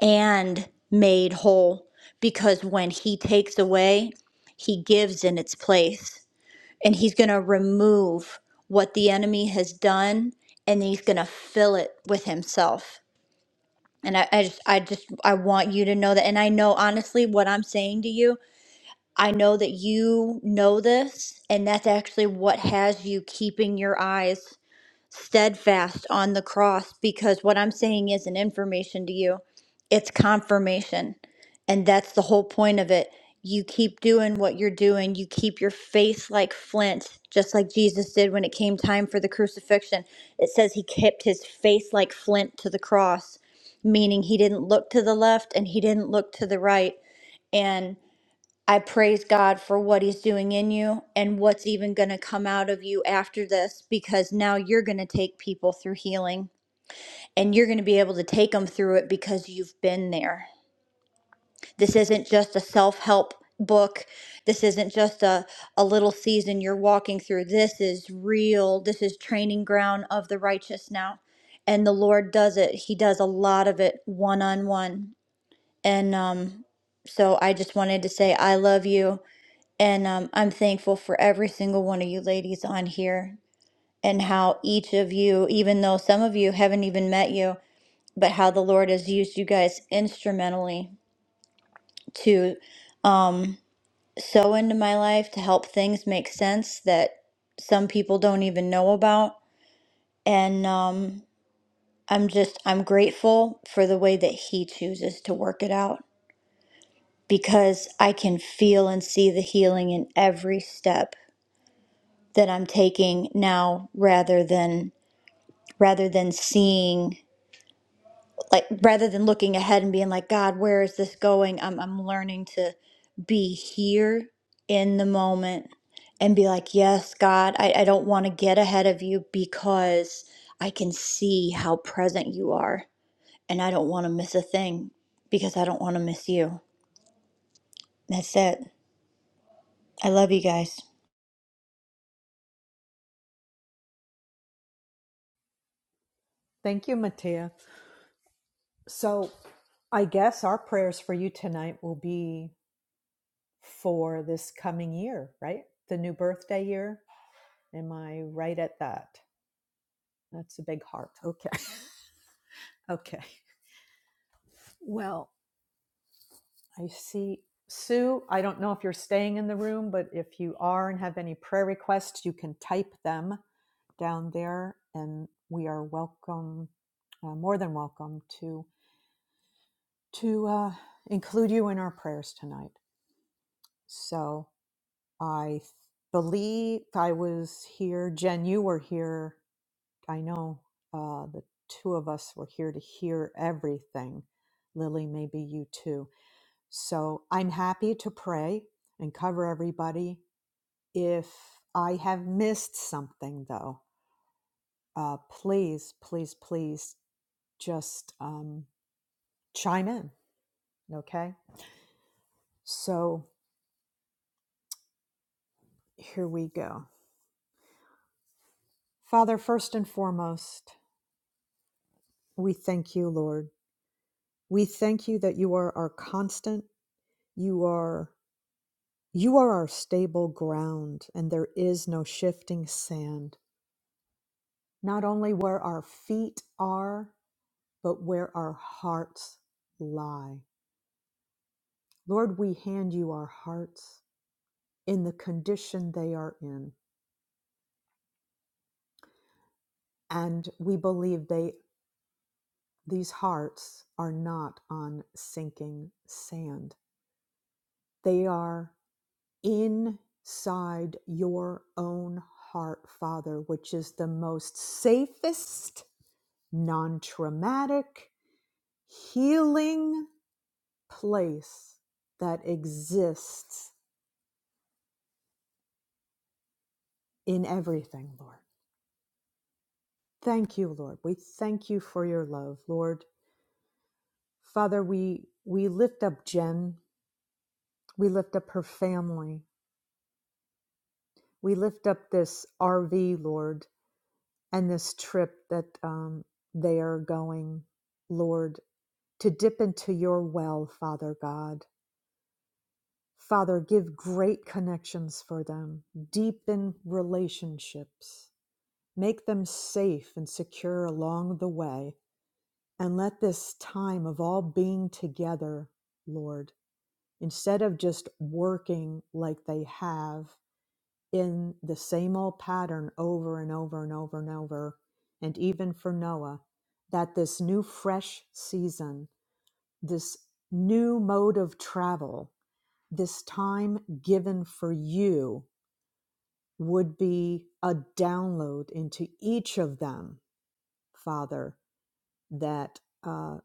Speaker 8: and made whole because when he takes away, he gives in its place. And he's going to remove what the enemy has done and he's going to fill it with himself. And I, I just, I just, I want you to know that. And I know honestly what I'm saying to you. I know that you know this, and that's actually what has you keeping your eyes steadfast on the cross because what I'm saying isn't information to you, it's confirmation. And that's the whole point of it. You keep doing what you're doing, you keep your face like flint, just like Jesus did when it came time for the crucifixion. It says he kept his face like flint to the cross, meaning he didn't look to the left and he didn't look to the right. and. I praise God for what He's doing in you and what's even going to come out of you after this because now you're going to take people through healing and you're going to be able to take them through it because you've been there. This isn't just a self help book. This isn't just a, a little season you're walking through. This is real. This is training ground of the righteous now. And the Lord does it. He does a lot of it one on one. And um, so I just wanted to say, I love you. And um, I'm thankful for every single one of you ladies on here and how each of you, even though some of you haven't even met you, but how the Lord has used you guys instrumentally to um, sow into my life to help things make sense that some people don't even know about. And um, I'm just, I'm grateful for the way that He chooses to work it out because I can feel and see the healing in every step that I'm taking now rather than rather than seeing like rather than looking ahead and being like God where is this going I'm I'm learning to be here in the moment and be like yes God I, I don't want to get ahead of you because I can see how present you are and I don't want to miss a thing because I don't want to miss you that's it I love you guys
Speaker 1: Thank you, Matea. So I guess our prayers for you tonight will be for this coming year, right? The new birthday year. Am I right at that? That's a big heart. Okay. (laughs) Okay. Well, I see Sue. I don't know if you're staying in the room, but if you are and have any prayer requests, you can type them down there and we are welcome uh, more than welcome to to uh, include you in our prayers tonight. So, I believe I was here. Jen, you were here. I know uh, the two of us were here to hear everything. Lily, maybe you too. So I'm happy to pray and cover everybody. If I have missed something, though, uh, please, please, please just um, chime in. Okay. So here we go. Father, first and foremost, we thank you, Lord. We thank you that you are our constant. You are you are our stable ground and there is no shifting sand. Not only where our feet are, but where our hearts lie. Lord, we hand you our hearts in the condition they are in, and we believe they these hearts are not on sinking sand. They are inside your own heart, Father, which is the most safest, non traumatic, healing place that exists in everything, Lord. Thank you, Lord. We thank you for your love, Lord. Father, we, we lift up Jen. We lift up her family. We lift up this RV, Lord, and this trip that um, they are going, Lord. to dip into your well, Father God. Father, give great connections for them, deepen relationships, make them safe and secure along the way, and let this time of all being together, Lord, instead of just working like they have in the same old pattern over and over and over and over, and even for Noah, that this new fresh season, this new mode of travel this time given for you would be a download into each of them, Father, that uh,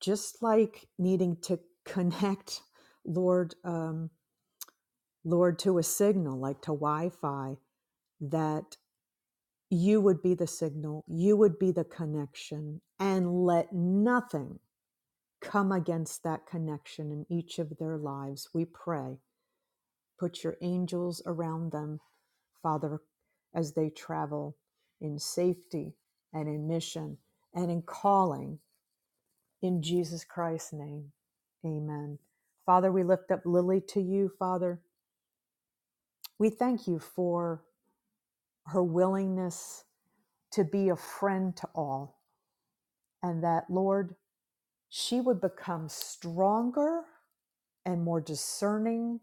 Speaker 1: just like needing to (laughs) connect, Lord, um, Lord, to a signal, like to Wi Fi, that you would be the signal, you would be the connection, and let nothing come against that connection in each of their lives. We pray. Put your angels around them Father, as they travel in safety and in mission and in calling in Jesus Christ's name. Amen. Father, we lift up Lily to you, Father. We thank you for her willingness to be a friend to all, and that, Lord, she would become stronger and more discerning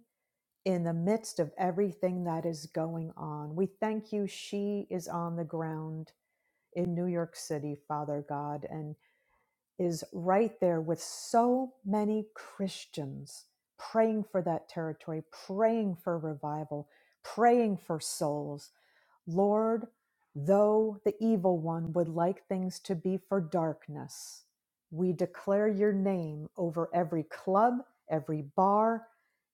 Speaker 1: in the midst of everything that is going on. We thank you, she is on the ground in New York City, Father God, and is right there with so many Christians praying for that territory, praying for revival, praying for souls. Lord, though the evil one would like things to be for darkness, we declare your name over every club, every bar,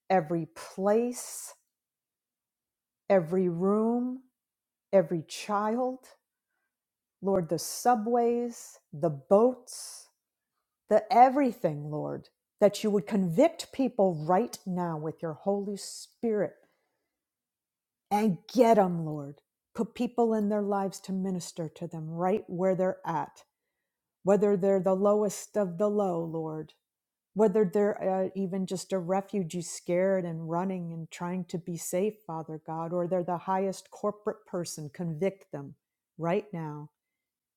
Speaker 1: every place, every room, every child, Lord, the subways, the boats. the everything, Lord, that you would convict people right now with your Holy Spirit and get them, Lord. Put people in their lives to minister to them right where they're at, whether they're the lowest of the low, Lord, whether they're uh, even just a refugee scared and running and trying to be safe, Father God, or they're the highest corporate person, convict them right now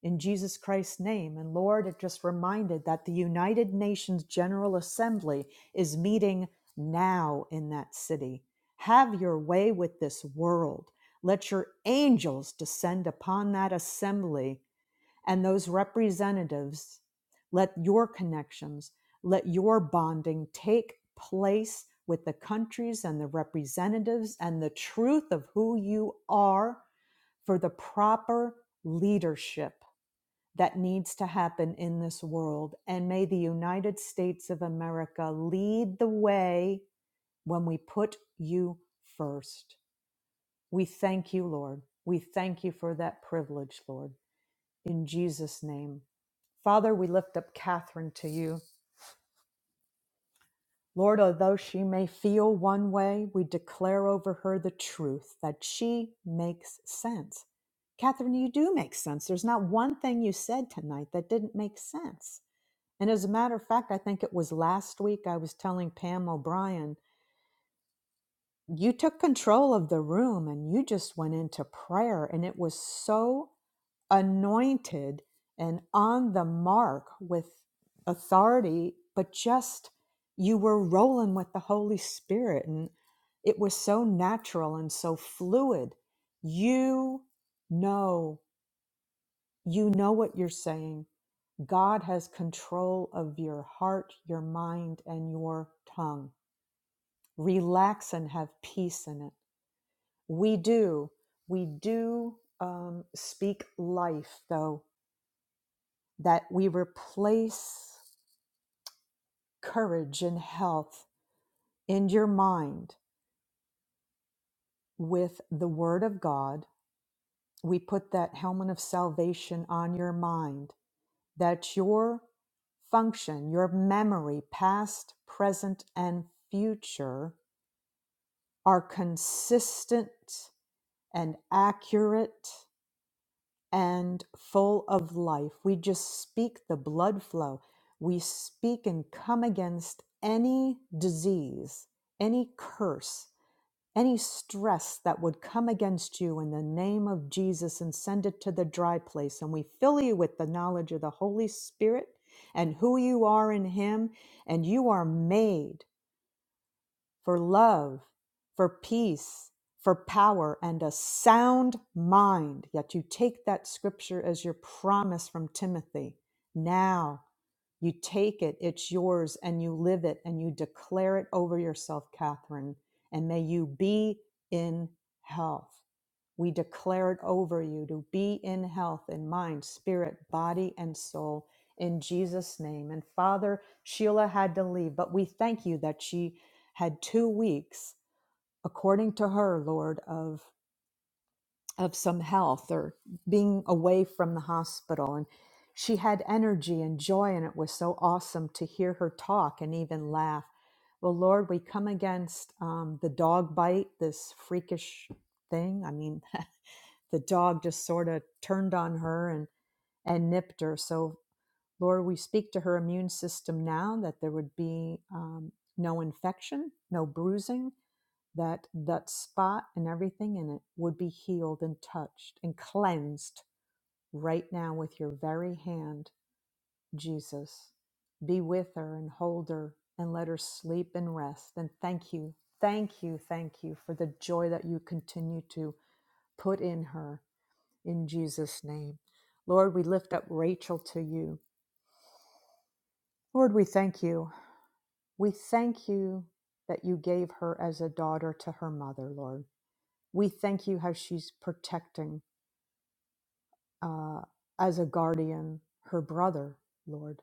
Speaker 1: in Jesus Christ's name. And Lord, it just reminded that the United Nations General Assembly is meeting now in that city. Have your way with this world. Let your angels descend upon that assembly and those representatives. Let your connections, let your bonding take place with the countries and the representatives and the truth of who you are for the proper leadership that needs to happen in this world. And may the United States of America lead the way when we put you first. We thank you, Lord. We thank you for that privilege, Lord. In Jesus' name. Father, we lift up Catherine to you. Lord, although she may feel one way, we declare over her the truth that she makes sense. Catherine, you do make sense. There's not one thing you said tonight that didn't make sense. And as a matter of fact, I think it was last week I was telling Pam O'Brien, you took control of the room and you just went into prayer. And it was so anointed and on the mark with authority, but just you were rolling with the Holy Spirit. And it was so natural and so fluid. You know, you know what you're saying God has control of your heart, your mind, and your tongue. Relax and have peace in it. We do. We do um, speak life, though, that we replace courage and health in your mind with the Word of God. We put that helmet of salvation on your mind, that your function, your memory, past, present, and future are consistent and accurate and full of life. We just speak the blood flow. We speak and come against any disease, any curse, any stress that would come against you in the name of Jesus and send it to the dry place. And we fill you with the knowledge of the Holy Spirit and who you are in Him. And you are made for love, for peace, for power, and a sound mind. Yet you take that scripture as your promise from Timothy. Now. You take it, it's yours, and you live it and you declare it over yourself, Catherine. And may you be in health. We declare it over you to be in health in mind, spirit, body, and soul in Jesus' name. And Father, Sheila had to leave, but we thank you that she had two weeks, according to her, Lord, of of some health or being away from the hospital and she had energy and joy and it was so awesome to hear her talk and even laugh well lord we come against um, the dog bite this freakish thing i mean (laughs) the dog just sort of turned on her and and nipped her so lord we speak to her immune system now that there would be um, no infection no bruising that that spot and everything in it would be healed and touched and cleansed right now with your very hand, Jesus. Be with her and hold her and let her sleep and rest. And thank you, thank you, thank you for the joy that you continue to put in her in Jesus' name. Lord, we lift up Rachel to you. Lord, we thank you. We thank you that you gave her as a daughter to her mother, Lord. We thank you how she's protecting uh, as a guardian, her brother, Lord.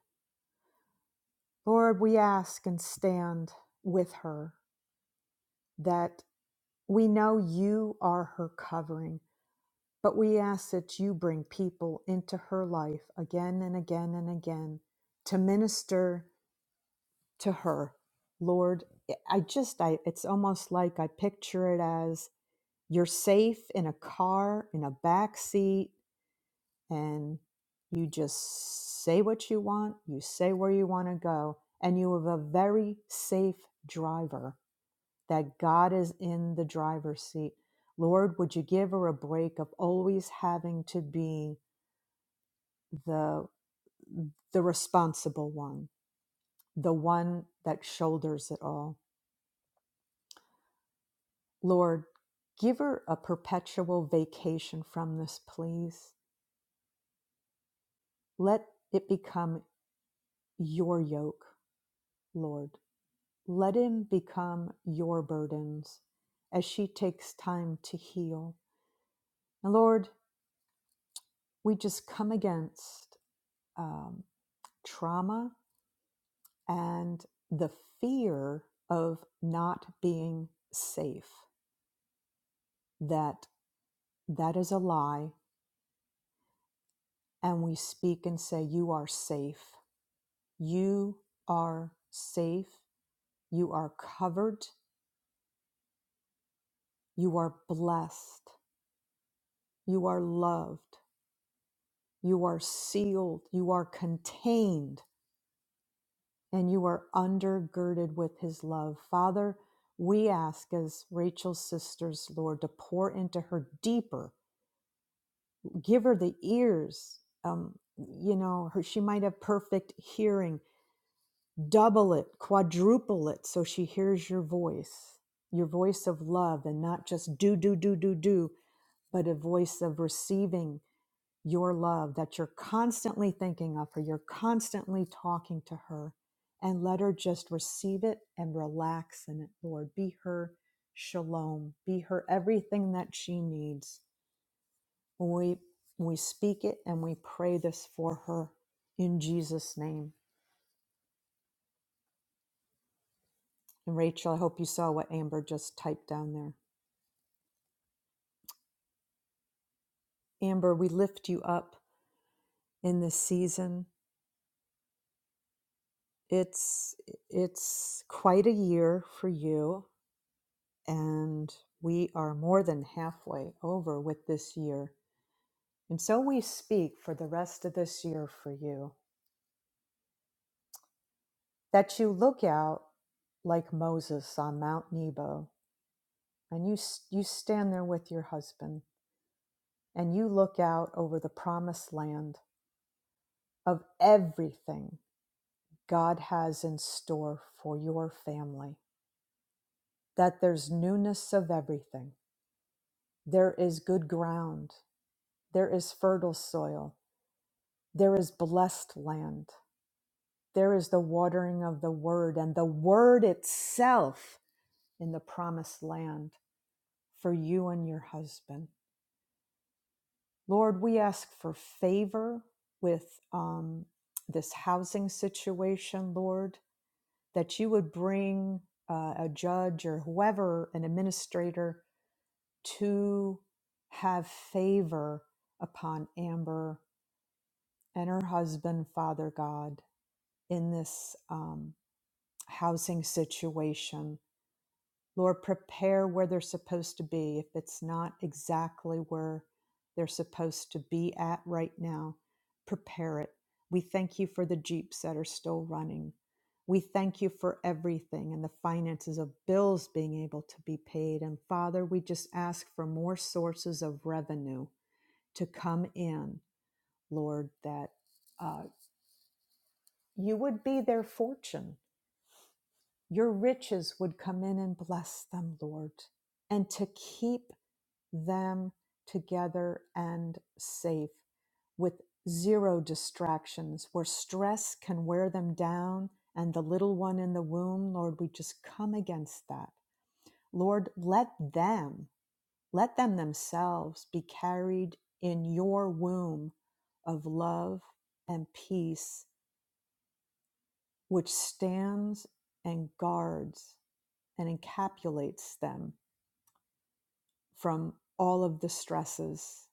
Speaker 1: Lord, we ask and stand with her that we know you are her covering, but we ask that you bring people into her life again and again and again to minister to her. Lord, I just, I, it's almost like I picture it as you're safe in a car, in a back seat. and you just say what you want, you say where you want to go, and you have a very safe driver that God is in the driver's seat. Lord, would you give her a break of always having to be the the responsible one, the one that shoulders it all. Lord, give her a perpetual vacation from this, please. Let it become your yoke, Lord. Let him become your burdens as she takes time to heal. And Lord, we just come against um, trauma and the fear of not being safe. That that is a lie, and we speak and say, "You are safe. You are safe. You are covered. You are blessed. You are loved. You are sealed. You are contained." and you are undergirded with his love. Father, we ask as Rachel's sisters, Lord, to pour into her deeper, give her the ears. Um, you know, her, she might have perfect hearing. Double it, quadruple it, so she hears your voice, your voice of love, and not just do, do, do, do, do, but a voice of receiving your love that you're constantly thinking of her, you're constantly talking to her, and let her just receive it and relax in it, Lord. Be her shalom, be her everything that she needs. When we, when we speak it and we pray this for her in Jesus' name. And Rachel, I hope you saw what Amber just typed down there. Amber, we lift you up in this season. It's it's quite a year for you and we are more than halfway over with this year. And so we speak for the rest of this year for you that you look out like Moses on Mount Nebo and you you stand there with your husband and you look out over the promised land of everything God has in store for your family that there's newness of everything there is good ground there is fertile soil there is blessed land There is the watering of the word and the word itself in the promised land for you and your husband. Lord, we ask for favor with um, this housing situation, Lord, that you would bring uh, a judge or whoever, an administrator, to have favor upon Amber and her husband, Father God, in this um, housing situation. Lord, prepare where they're supposed to be if it's not exactly where they're supposed to be at right now. Prepare it. We thank you for the Jeeps that are still running. We thank you for everything and the finances of bills being able to be paid. And Father, we just ask for more sources of revenue to come in, Lord, that uh, you would be their fortune. Your riches would come in and bless them, Lord and to keep them together and safe with zero distractions, where stress can wear them down and the little one in the womb, Lord, we just come against that. Lord, let them, let them themselves be carried in your womb of love and peace, which stands and guards and encapsulates them from all of the stresses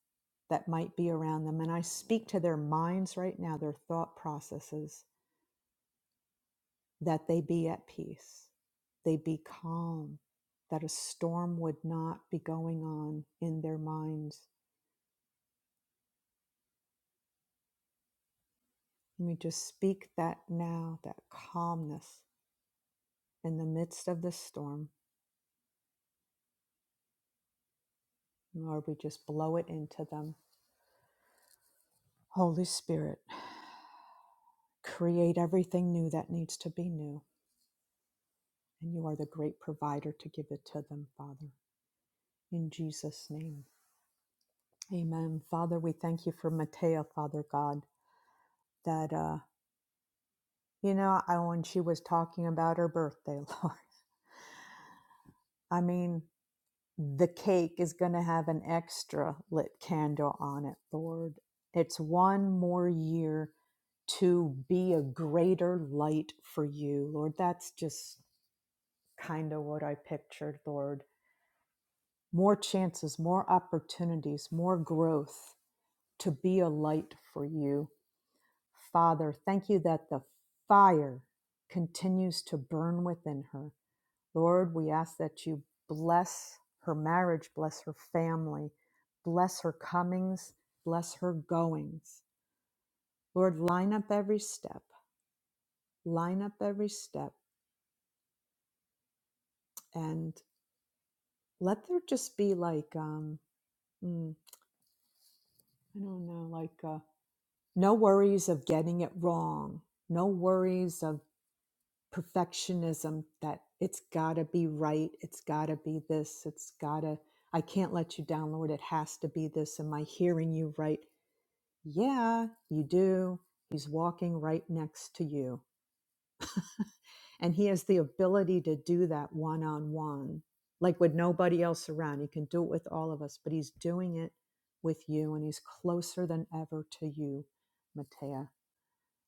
Speaker 1: that might be around them. And I speak to their minds right now, their thought processes, that they be at peace, they be calm, that a storm would not be going on in their minds. Let me just speak that now, that calmness in the midst of the storm. Lord, we just blow it into them. Holy Spirit, create everything new that needs to be new. And you are the great provider to give it to them, Father. In Jesus' name. Amen. Father, we thank you for Matea, Father God, that, uh, you know, I, when she was talking about her birthday, (laughs) Lord, I mean, the cake is going to have an extra lit candle on it, Lord. It's one more year to be a greater light for you, Lord. That's just kind of what I pictured, Lord. More chances, more opportunities, more growth to be a light for you Father, thank you that the fire continues to burn within her. Lord, we ask that you bless her marriage, bless her family, bless her comings, bless her goings. Lord, line up every step, line up every step, and let there just be like, um, mm, I don't know, like uh, no worries of getting it wrong, no worries of perfectionism that it's got to be right it's got to be this it's got to i can't let you down lord it has to be this am i hearing you right yeah you do he's walking right next to you and he has the ability to do that one on one like with nobody else around he can do it with all of us but he's doing it with you and he's closer than ever to you matea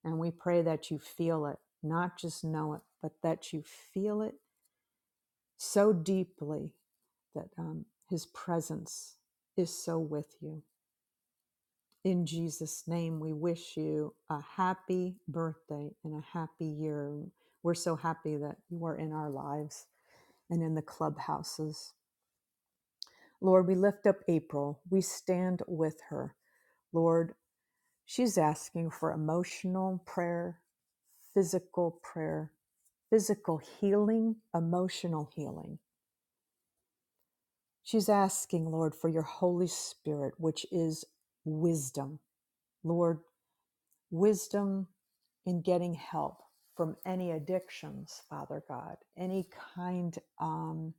Speaker 1: and we pray that you feel it not just know it but that you feel it so deeply that um, his presence is so with you. In Jesus' name, we wish you a happy birthday and a happy year. We're so happy that you are in our lives and in the clubhouses. Lord, we lift up April. We stand with her. Lord, she's asking for emotional prayer, physical prayer, physical healing, emotional healing. She's asking, Lord, for your Holy Spirit, which is wisdom. Lord, wisdom in getting help from any addictions, Father God, any kind um,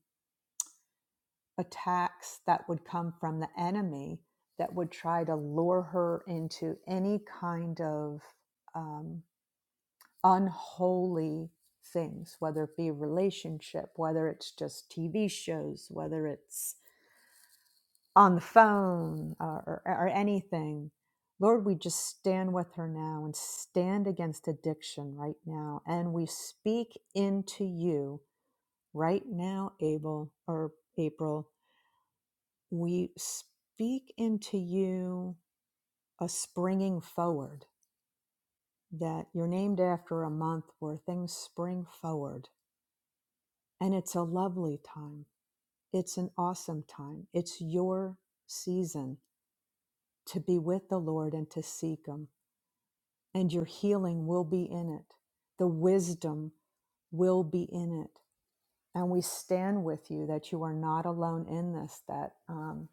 Speaker 1: attacks that would come from the enemy that would try to lure her into any kind of um, unholy things, whether it be relationship, whether it's just TV shows, whether it's on the phone uh, or, or anything. Lord, we just stand with her now and stand against addiction right now. And we speak into you right now, Abel or April. We speak into you a springing forward that you're named after a month where things spring forward. And it's a lovely time. It's an awesome time. It's your season to be with the Lord and to seek Him and your healing will be in it. The wisdom will be in it. And we stand with you that you are not alone in this, that um,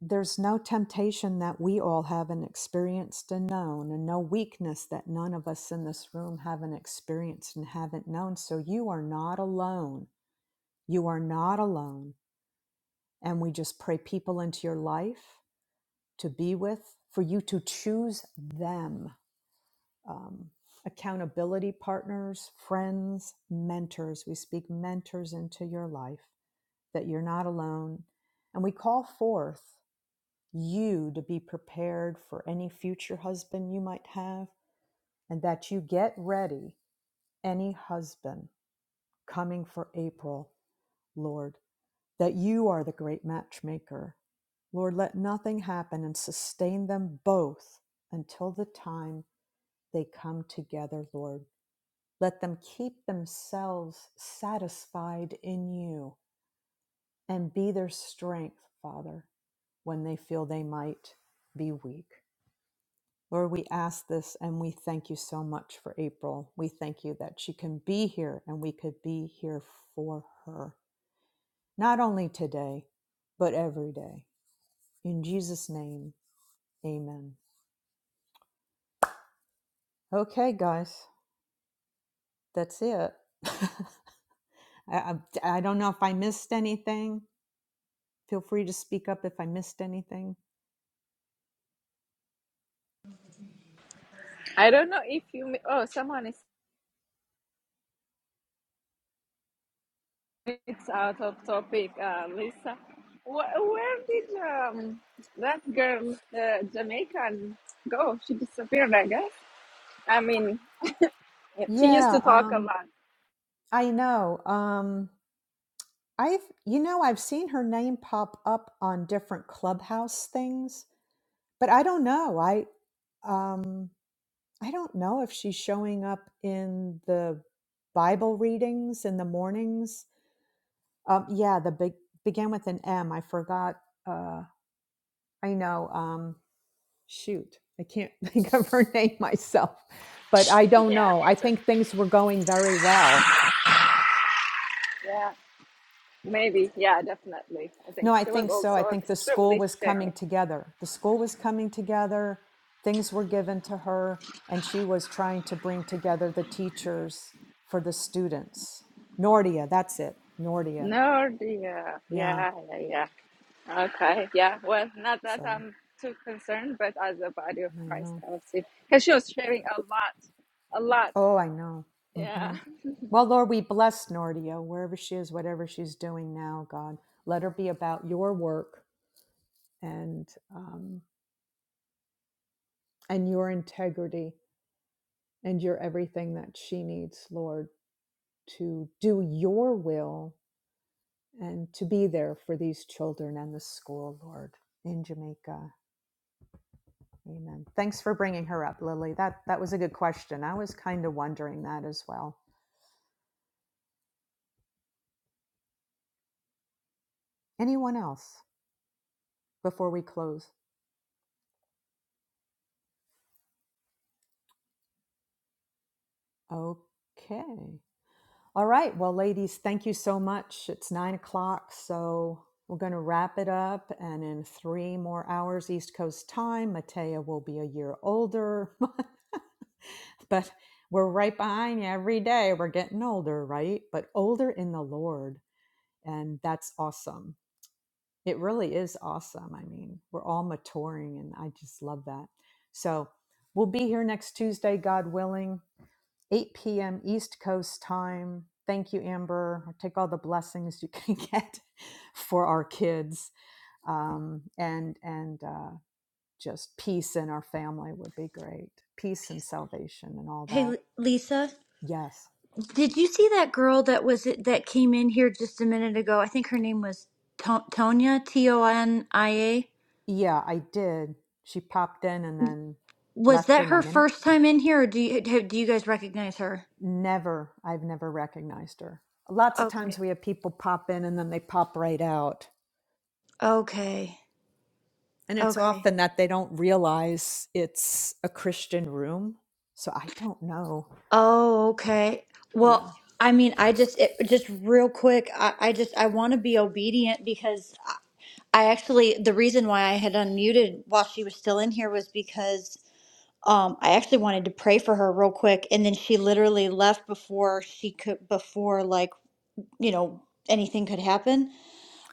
Speaker 1: there's no temptation that we all haven't experienced and known, and no weakness that none of us in this room haven't experienced and haven't known. So you are not alone. You are not alone. And we just pray people into your life to be with, for you to choose them um, accountability partners, friends, mentors. We speak mentors into your life that you're not alone. And we call forth you to be prepared for any future husband you might have and that you get ready any husband coming for April, Lord, that you are the great matchmaker. Lord, let nothing happen and sustain them both until the time they come together, Lord Let them keep themselves satisfied in you and be their strength, Father, when they feel they might be weak. Lord, we ask this and we thank you so much for April. We thank you that she can be here and we could be here for her, not only today, but every day. In Jesus' name, amen. Okay, guys, that's it. (laughs) I, I, I don't know if I missed anything. Feel free to speak up if I missed anything.
Speaker 5: It's out of topic, uh, Lisa. Wh- where did um, that girl, uh, Jamaican, go? She disappeared, I guess. I mean, yeah, she used
Speaker 1: Yeah,
Speaker 5: to talk a
Speaker 1: um,
Speaker 5: lot.
Speaker 1: I know. Um, I've, you know, I've seen her name pop up on different clubhouse things, but I don't know. I, um, I don't know if she's showing up in the Bible readings in the mornings. Um, yeah, the big began with an M. I forgot. Uh, I know. Um, shoot, I can't (laughs) think of her name myself, but I don't know. I think things were going very well.
Speaker 5: Maybe, yeah, definitely. I
Speaker 1: No,
Speaker 5: think
Speaker 1: I
Speaker 5: she was
Speaker 1: think so. I
Speaker 5: also
Speaker 1: think the school
Speaker 5: extremely
Speaker 1: was coming
Speaker 5: shy.
Speaker 1: together. The school was coming together. Things were given to her, and she was trying to bring together the teachers for the students. Nordia, that's it. Nordia.
Speaker 5: No, dear.
Speaker 1: Yeah.
Speaker 5: Yeah, yeah, yeah. Okay, yeah. Well, not that
Speaker 1: So
Speaker 5: I'm too concerned, but as a body of
Speaker 1: I
Speaker 5: Christ,
Speaker 1: know.
Speaker 5: I would say. Because she was sharing a lot, a lot.
Speaker 1: Oh, I know.
Speaker 5: yeah.
Speaker 1: hmm Well, Lord, we bless Nordia wherever she is, whatever she's doing now, God. Let her be about your work and um, and your integrity and your everything that she needs, Lord, to do your will and to be there for these children and the school, Lord, in Jamaica. Amen. Thanks for bringing her up, Lily. That that was a good question. I was kind of wondering that as well. Anyone else before we close? Okay. All right. Well, ladies, thank you so much. It's nine o'clock, so we're going to wrap it up. And in three more hours, East Coast time, Matea will be a year older. (laughs) but we're right behind you every day. We're getting older, right? But older in the Lord. And that's awesome. It really is awesome. I mean, we're all maturing, and I just love that. So we'll be here next Tuesday, God willing. 8 p.m. East Coast time. Thank you, Amber. I'll take all the blessings you (laughs) can get for our kids, um, and and uh, just peace in our family would be great. Peace and salvation and all
Speaker 8: hey
Speaker 1: that.
Speaker 8: L- Lisa
Speaker 1: Yes,
Speaker 8: Did you see that girl that was that came in here just a minute ago? I think her name was To- Tonya, T O N I A.
Speaker 1: yeah, I did. She popped in and then
Speaker 8: Was
Speaker 1: left
Speaker 8: that
Speaker 1: in a
Speaker 8: her
Speaker 1: minute.
Speaker 8: first time in here, or do you have, do you guys recognize her?
Speaker 1: Never, I've never recognized her. Lots of times
Speaker 8: Okay.
Speaker 1: we have people pop in and then they pop right out
Speaker 8: Okay.
Speaker 1: And it's
Speaker 8: Okay.
Speaker 1: often that they don't realize it's a Christian room. So I don't know.
Speaker 8: Oh, okay. Well,
Speaker 1: Yeah.
Speaker 8: I mean, I just it, just real quick, I, I just I want to be obedient because I I actually the reason why I had unmuted while she was still in here was because um, I actually wanted to pray for her real quick, and then she literally left before she could, before like you know anything could happen.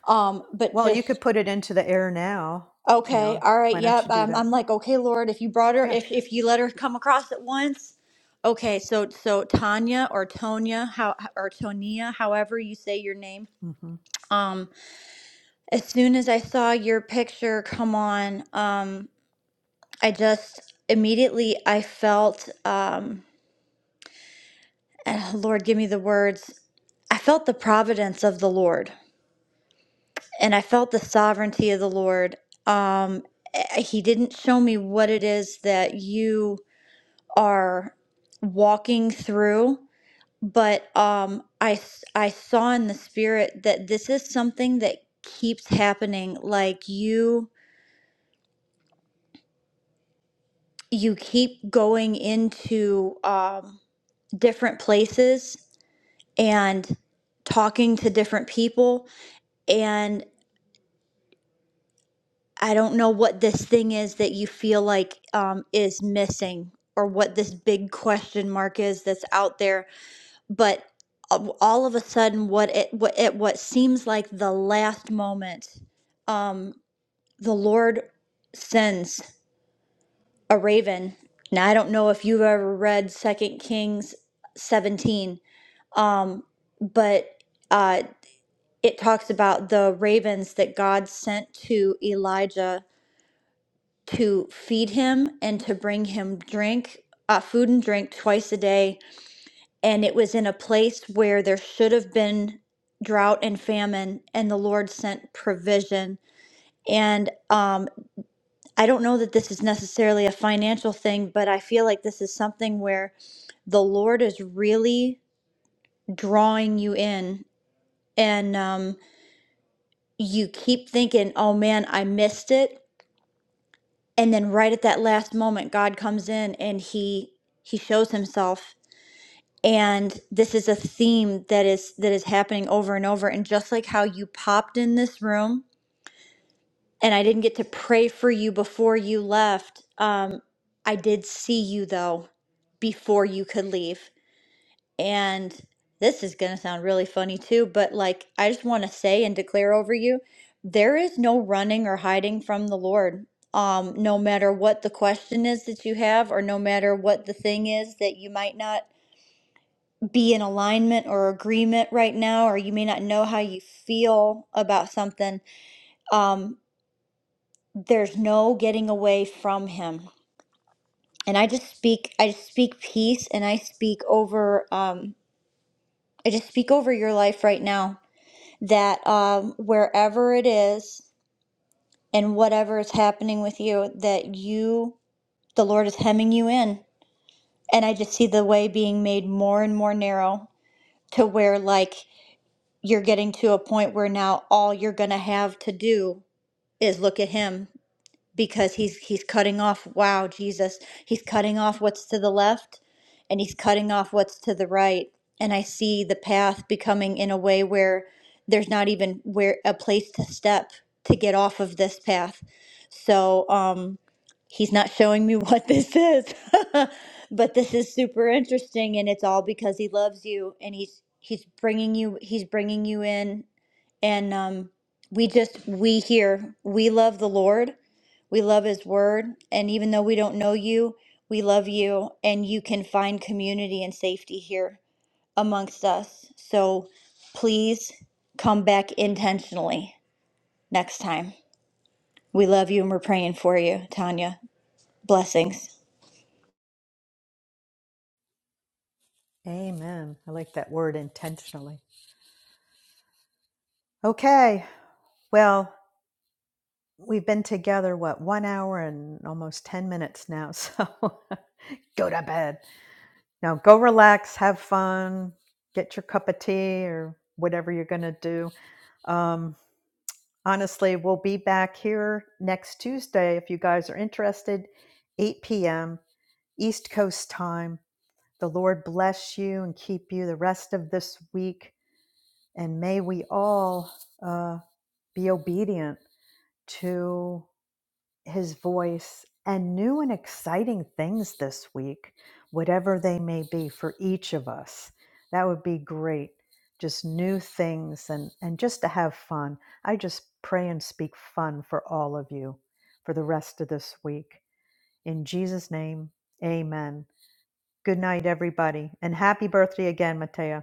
Speaker 8: Um, but
Speaker 1: Well, you
Speaker 8: just
Speaker 1: could put it into the air now. You
Speaker 8: okay,
Speaker 1: know,
Speaker 8: all right,
Speaker 1: why don't
Speaker 8: yep.
Speaker 1: you do
Speaker 8: I'm,
Speaker 1: that?
Speaker 8: I'm like, okay, Lord, if you brought her,
Speaker 1: Yeah.
Speaker 8: if if you let her come across at once, okay. So so Tanya or Tonya, how or Tonia, however you say your name.
Speaker 1: hmm
Speaker 8: Um, as soon as I saw your picture come on, um, I just immediately I felt um and Lord, give me the words. I felt the providence of the Lord, and I felt the sovereignty of the Lord. Um, eh, he didn't show me what it is that you are walking through, but um, I s- I saw in the spirit that this is something that keeps happening. Like you you keep going into um, different places and talking to different people and I don't know what this thing is that you feel like um, is missing or what this big question mark is that's out there, but a- all of a sudden, what it what at what seems like the last moment, um, the Lord sends a raven. Now I don't know if you've ever read Second Kings seventeen, um, but uh, it talks about the ravens that God sent to Elijah to feed him and to bring him drink, uh, food and drink twice a day. And it was in a place where there should have been drought and famine, and the Lord sent provision. And um, I don't know that this is necessarily a financial thing, but I feel like this is something where the Lord is really drawing you in. And um, you keep thinking, oh man, I missed it. And then right at that last moment, God comes in and he he shows himself and this is a theme that is that is happening over and over and just like how you popped in this room and i didn't get to pray for you before you left um i did see you though before you could leave and this is going to sound really funny too but like i just want to say and declare over you there is no running or hiding from the lord um no matter what the question is that you have or no matter what the thing is that you might not be in alignment or agreement right now, or you may not know how you feel about something, um, there's no getting away from him. And I just speak, I just speak peace, and I speak over, um, I just speak over your life right now that um, wherever it is and whatever is happening with you, that you, the Lord is hemming you in. And I just see the way being made more and more narrow to where, like, you're getting to a point where now all you're going to have to do is look at him because he's he's cutting off wow jesus he's cutting off what's to the left and he's cutting off what's to the right and i see the path becoming in a way where there's not even where a place to step to get off of this path so um he's not showing me (laughs) what this is (laughs) but this is super interesting and it's all because he loves you and he's he's bringing you he's bringing you in and um, we just we here we love the lord we love his word and even though we don't know you we love you and you can find community and safety here amongst us so please come back intentionally next time we love you and we're praying for you tanya blessings
Speaker 1: Amen. I like that word intentionally. Okay. Well, we've been together, what, one hour and almost 10 minutes now. So (laughs) go to bed. Now go relax, have fun, get your cup of tea or whatever you're going to do. Um, honestly, we'll be back here next Tuesday if you guys are interested, 8 p.m. East Coast time. The Lord bless you and keep you the rest of this week. And may we all uh, be obedient to his voice and new and exciting things this week, whatever they may be for each of us. That would be great. Just new things and, and just to have fun. I just pray and speak fun for all of you for the rest of this week. In Jesus' name, amen. Good night, everybody. And happy birthday again, Matea.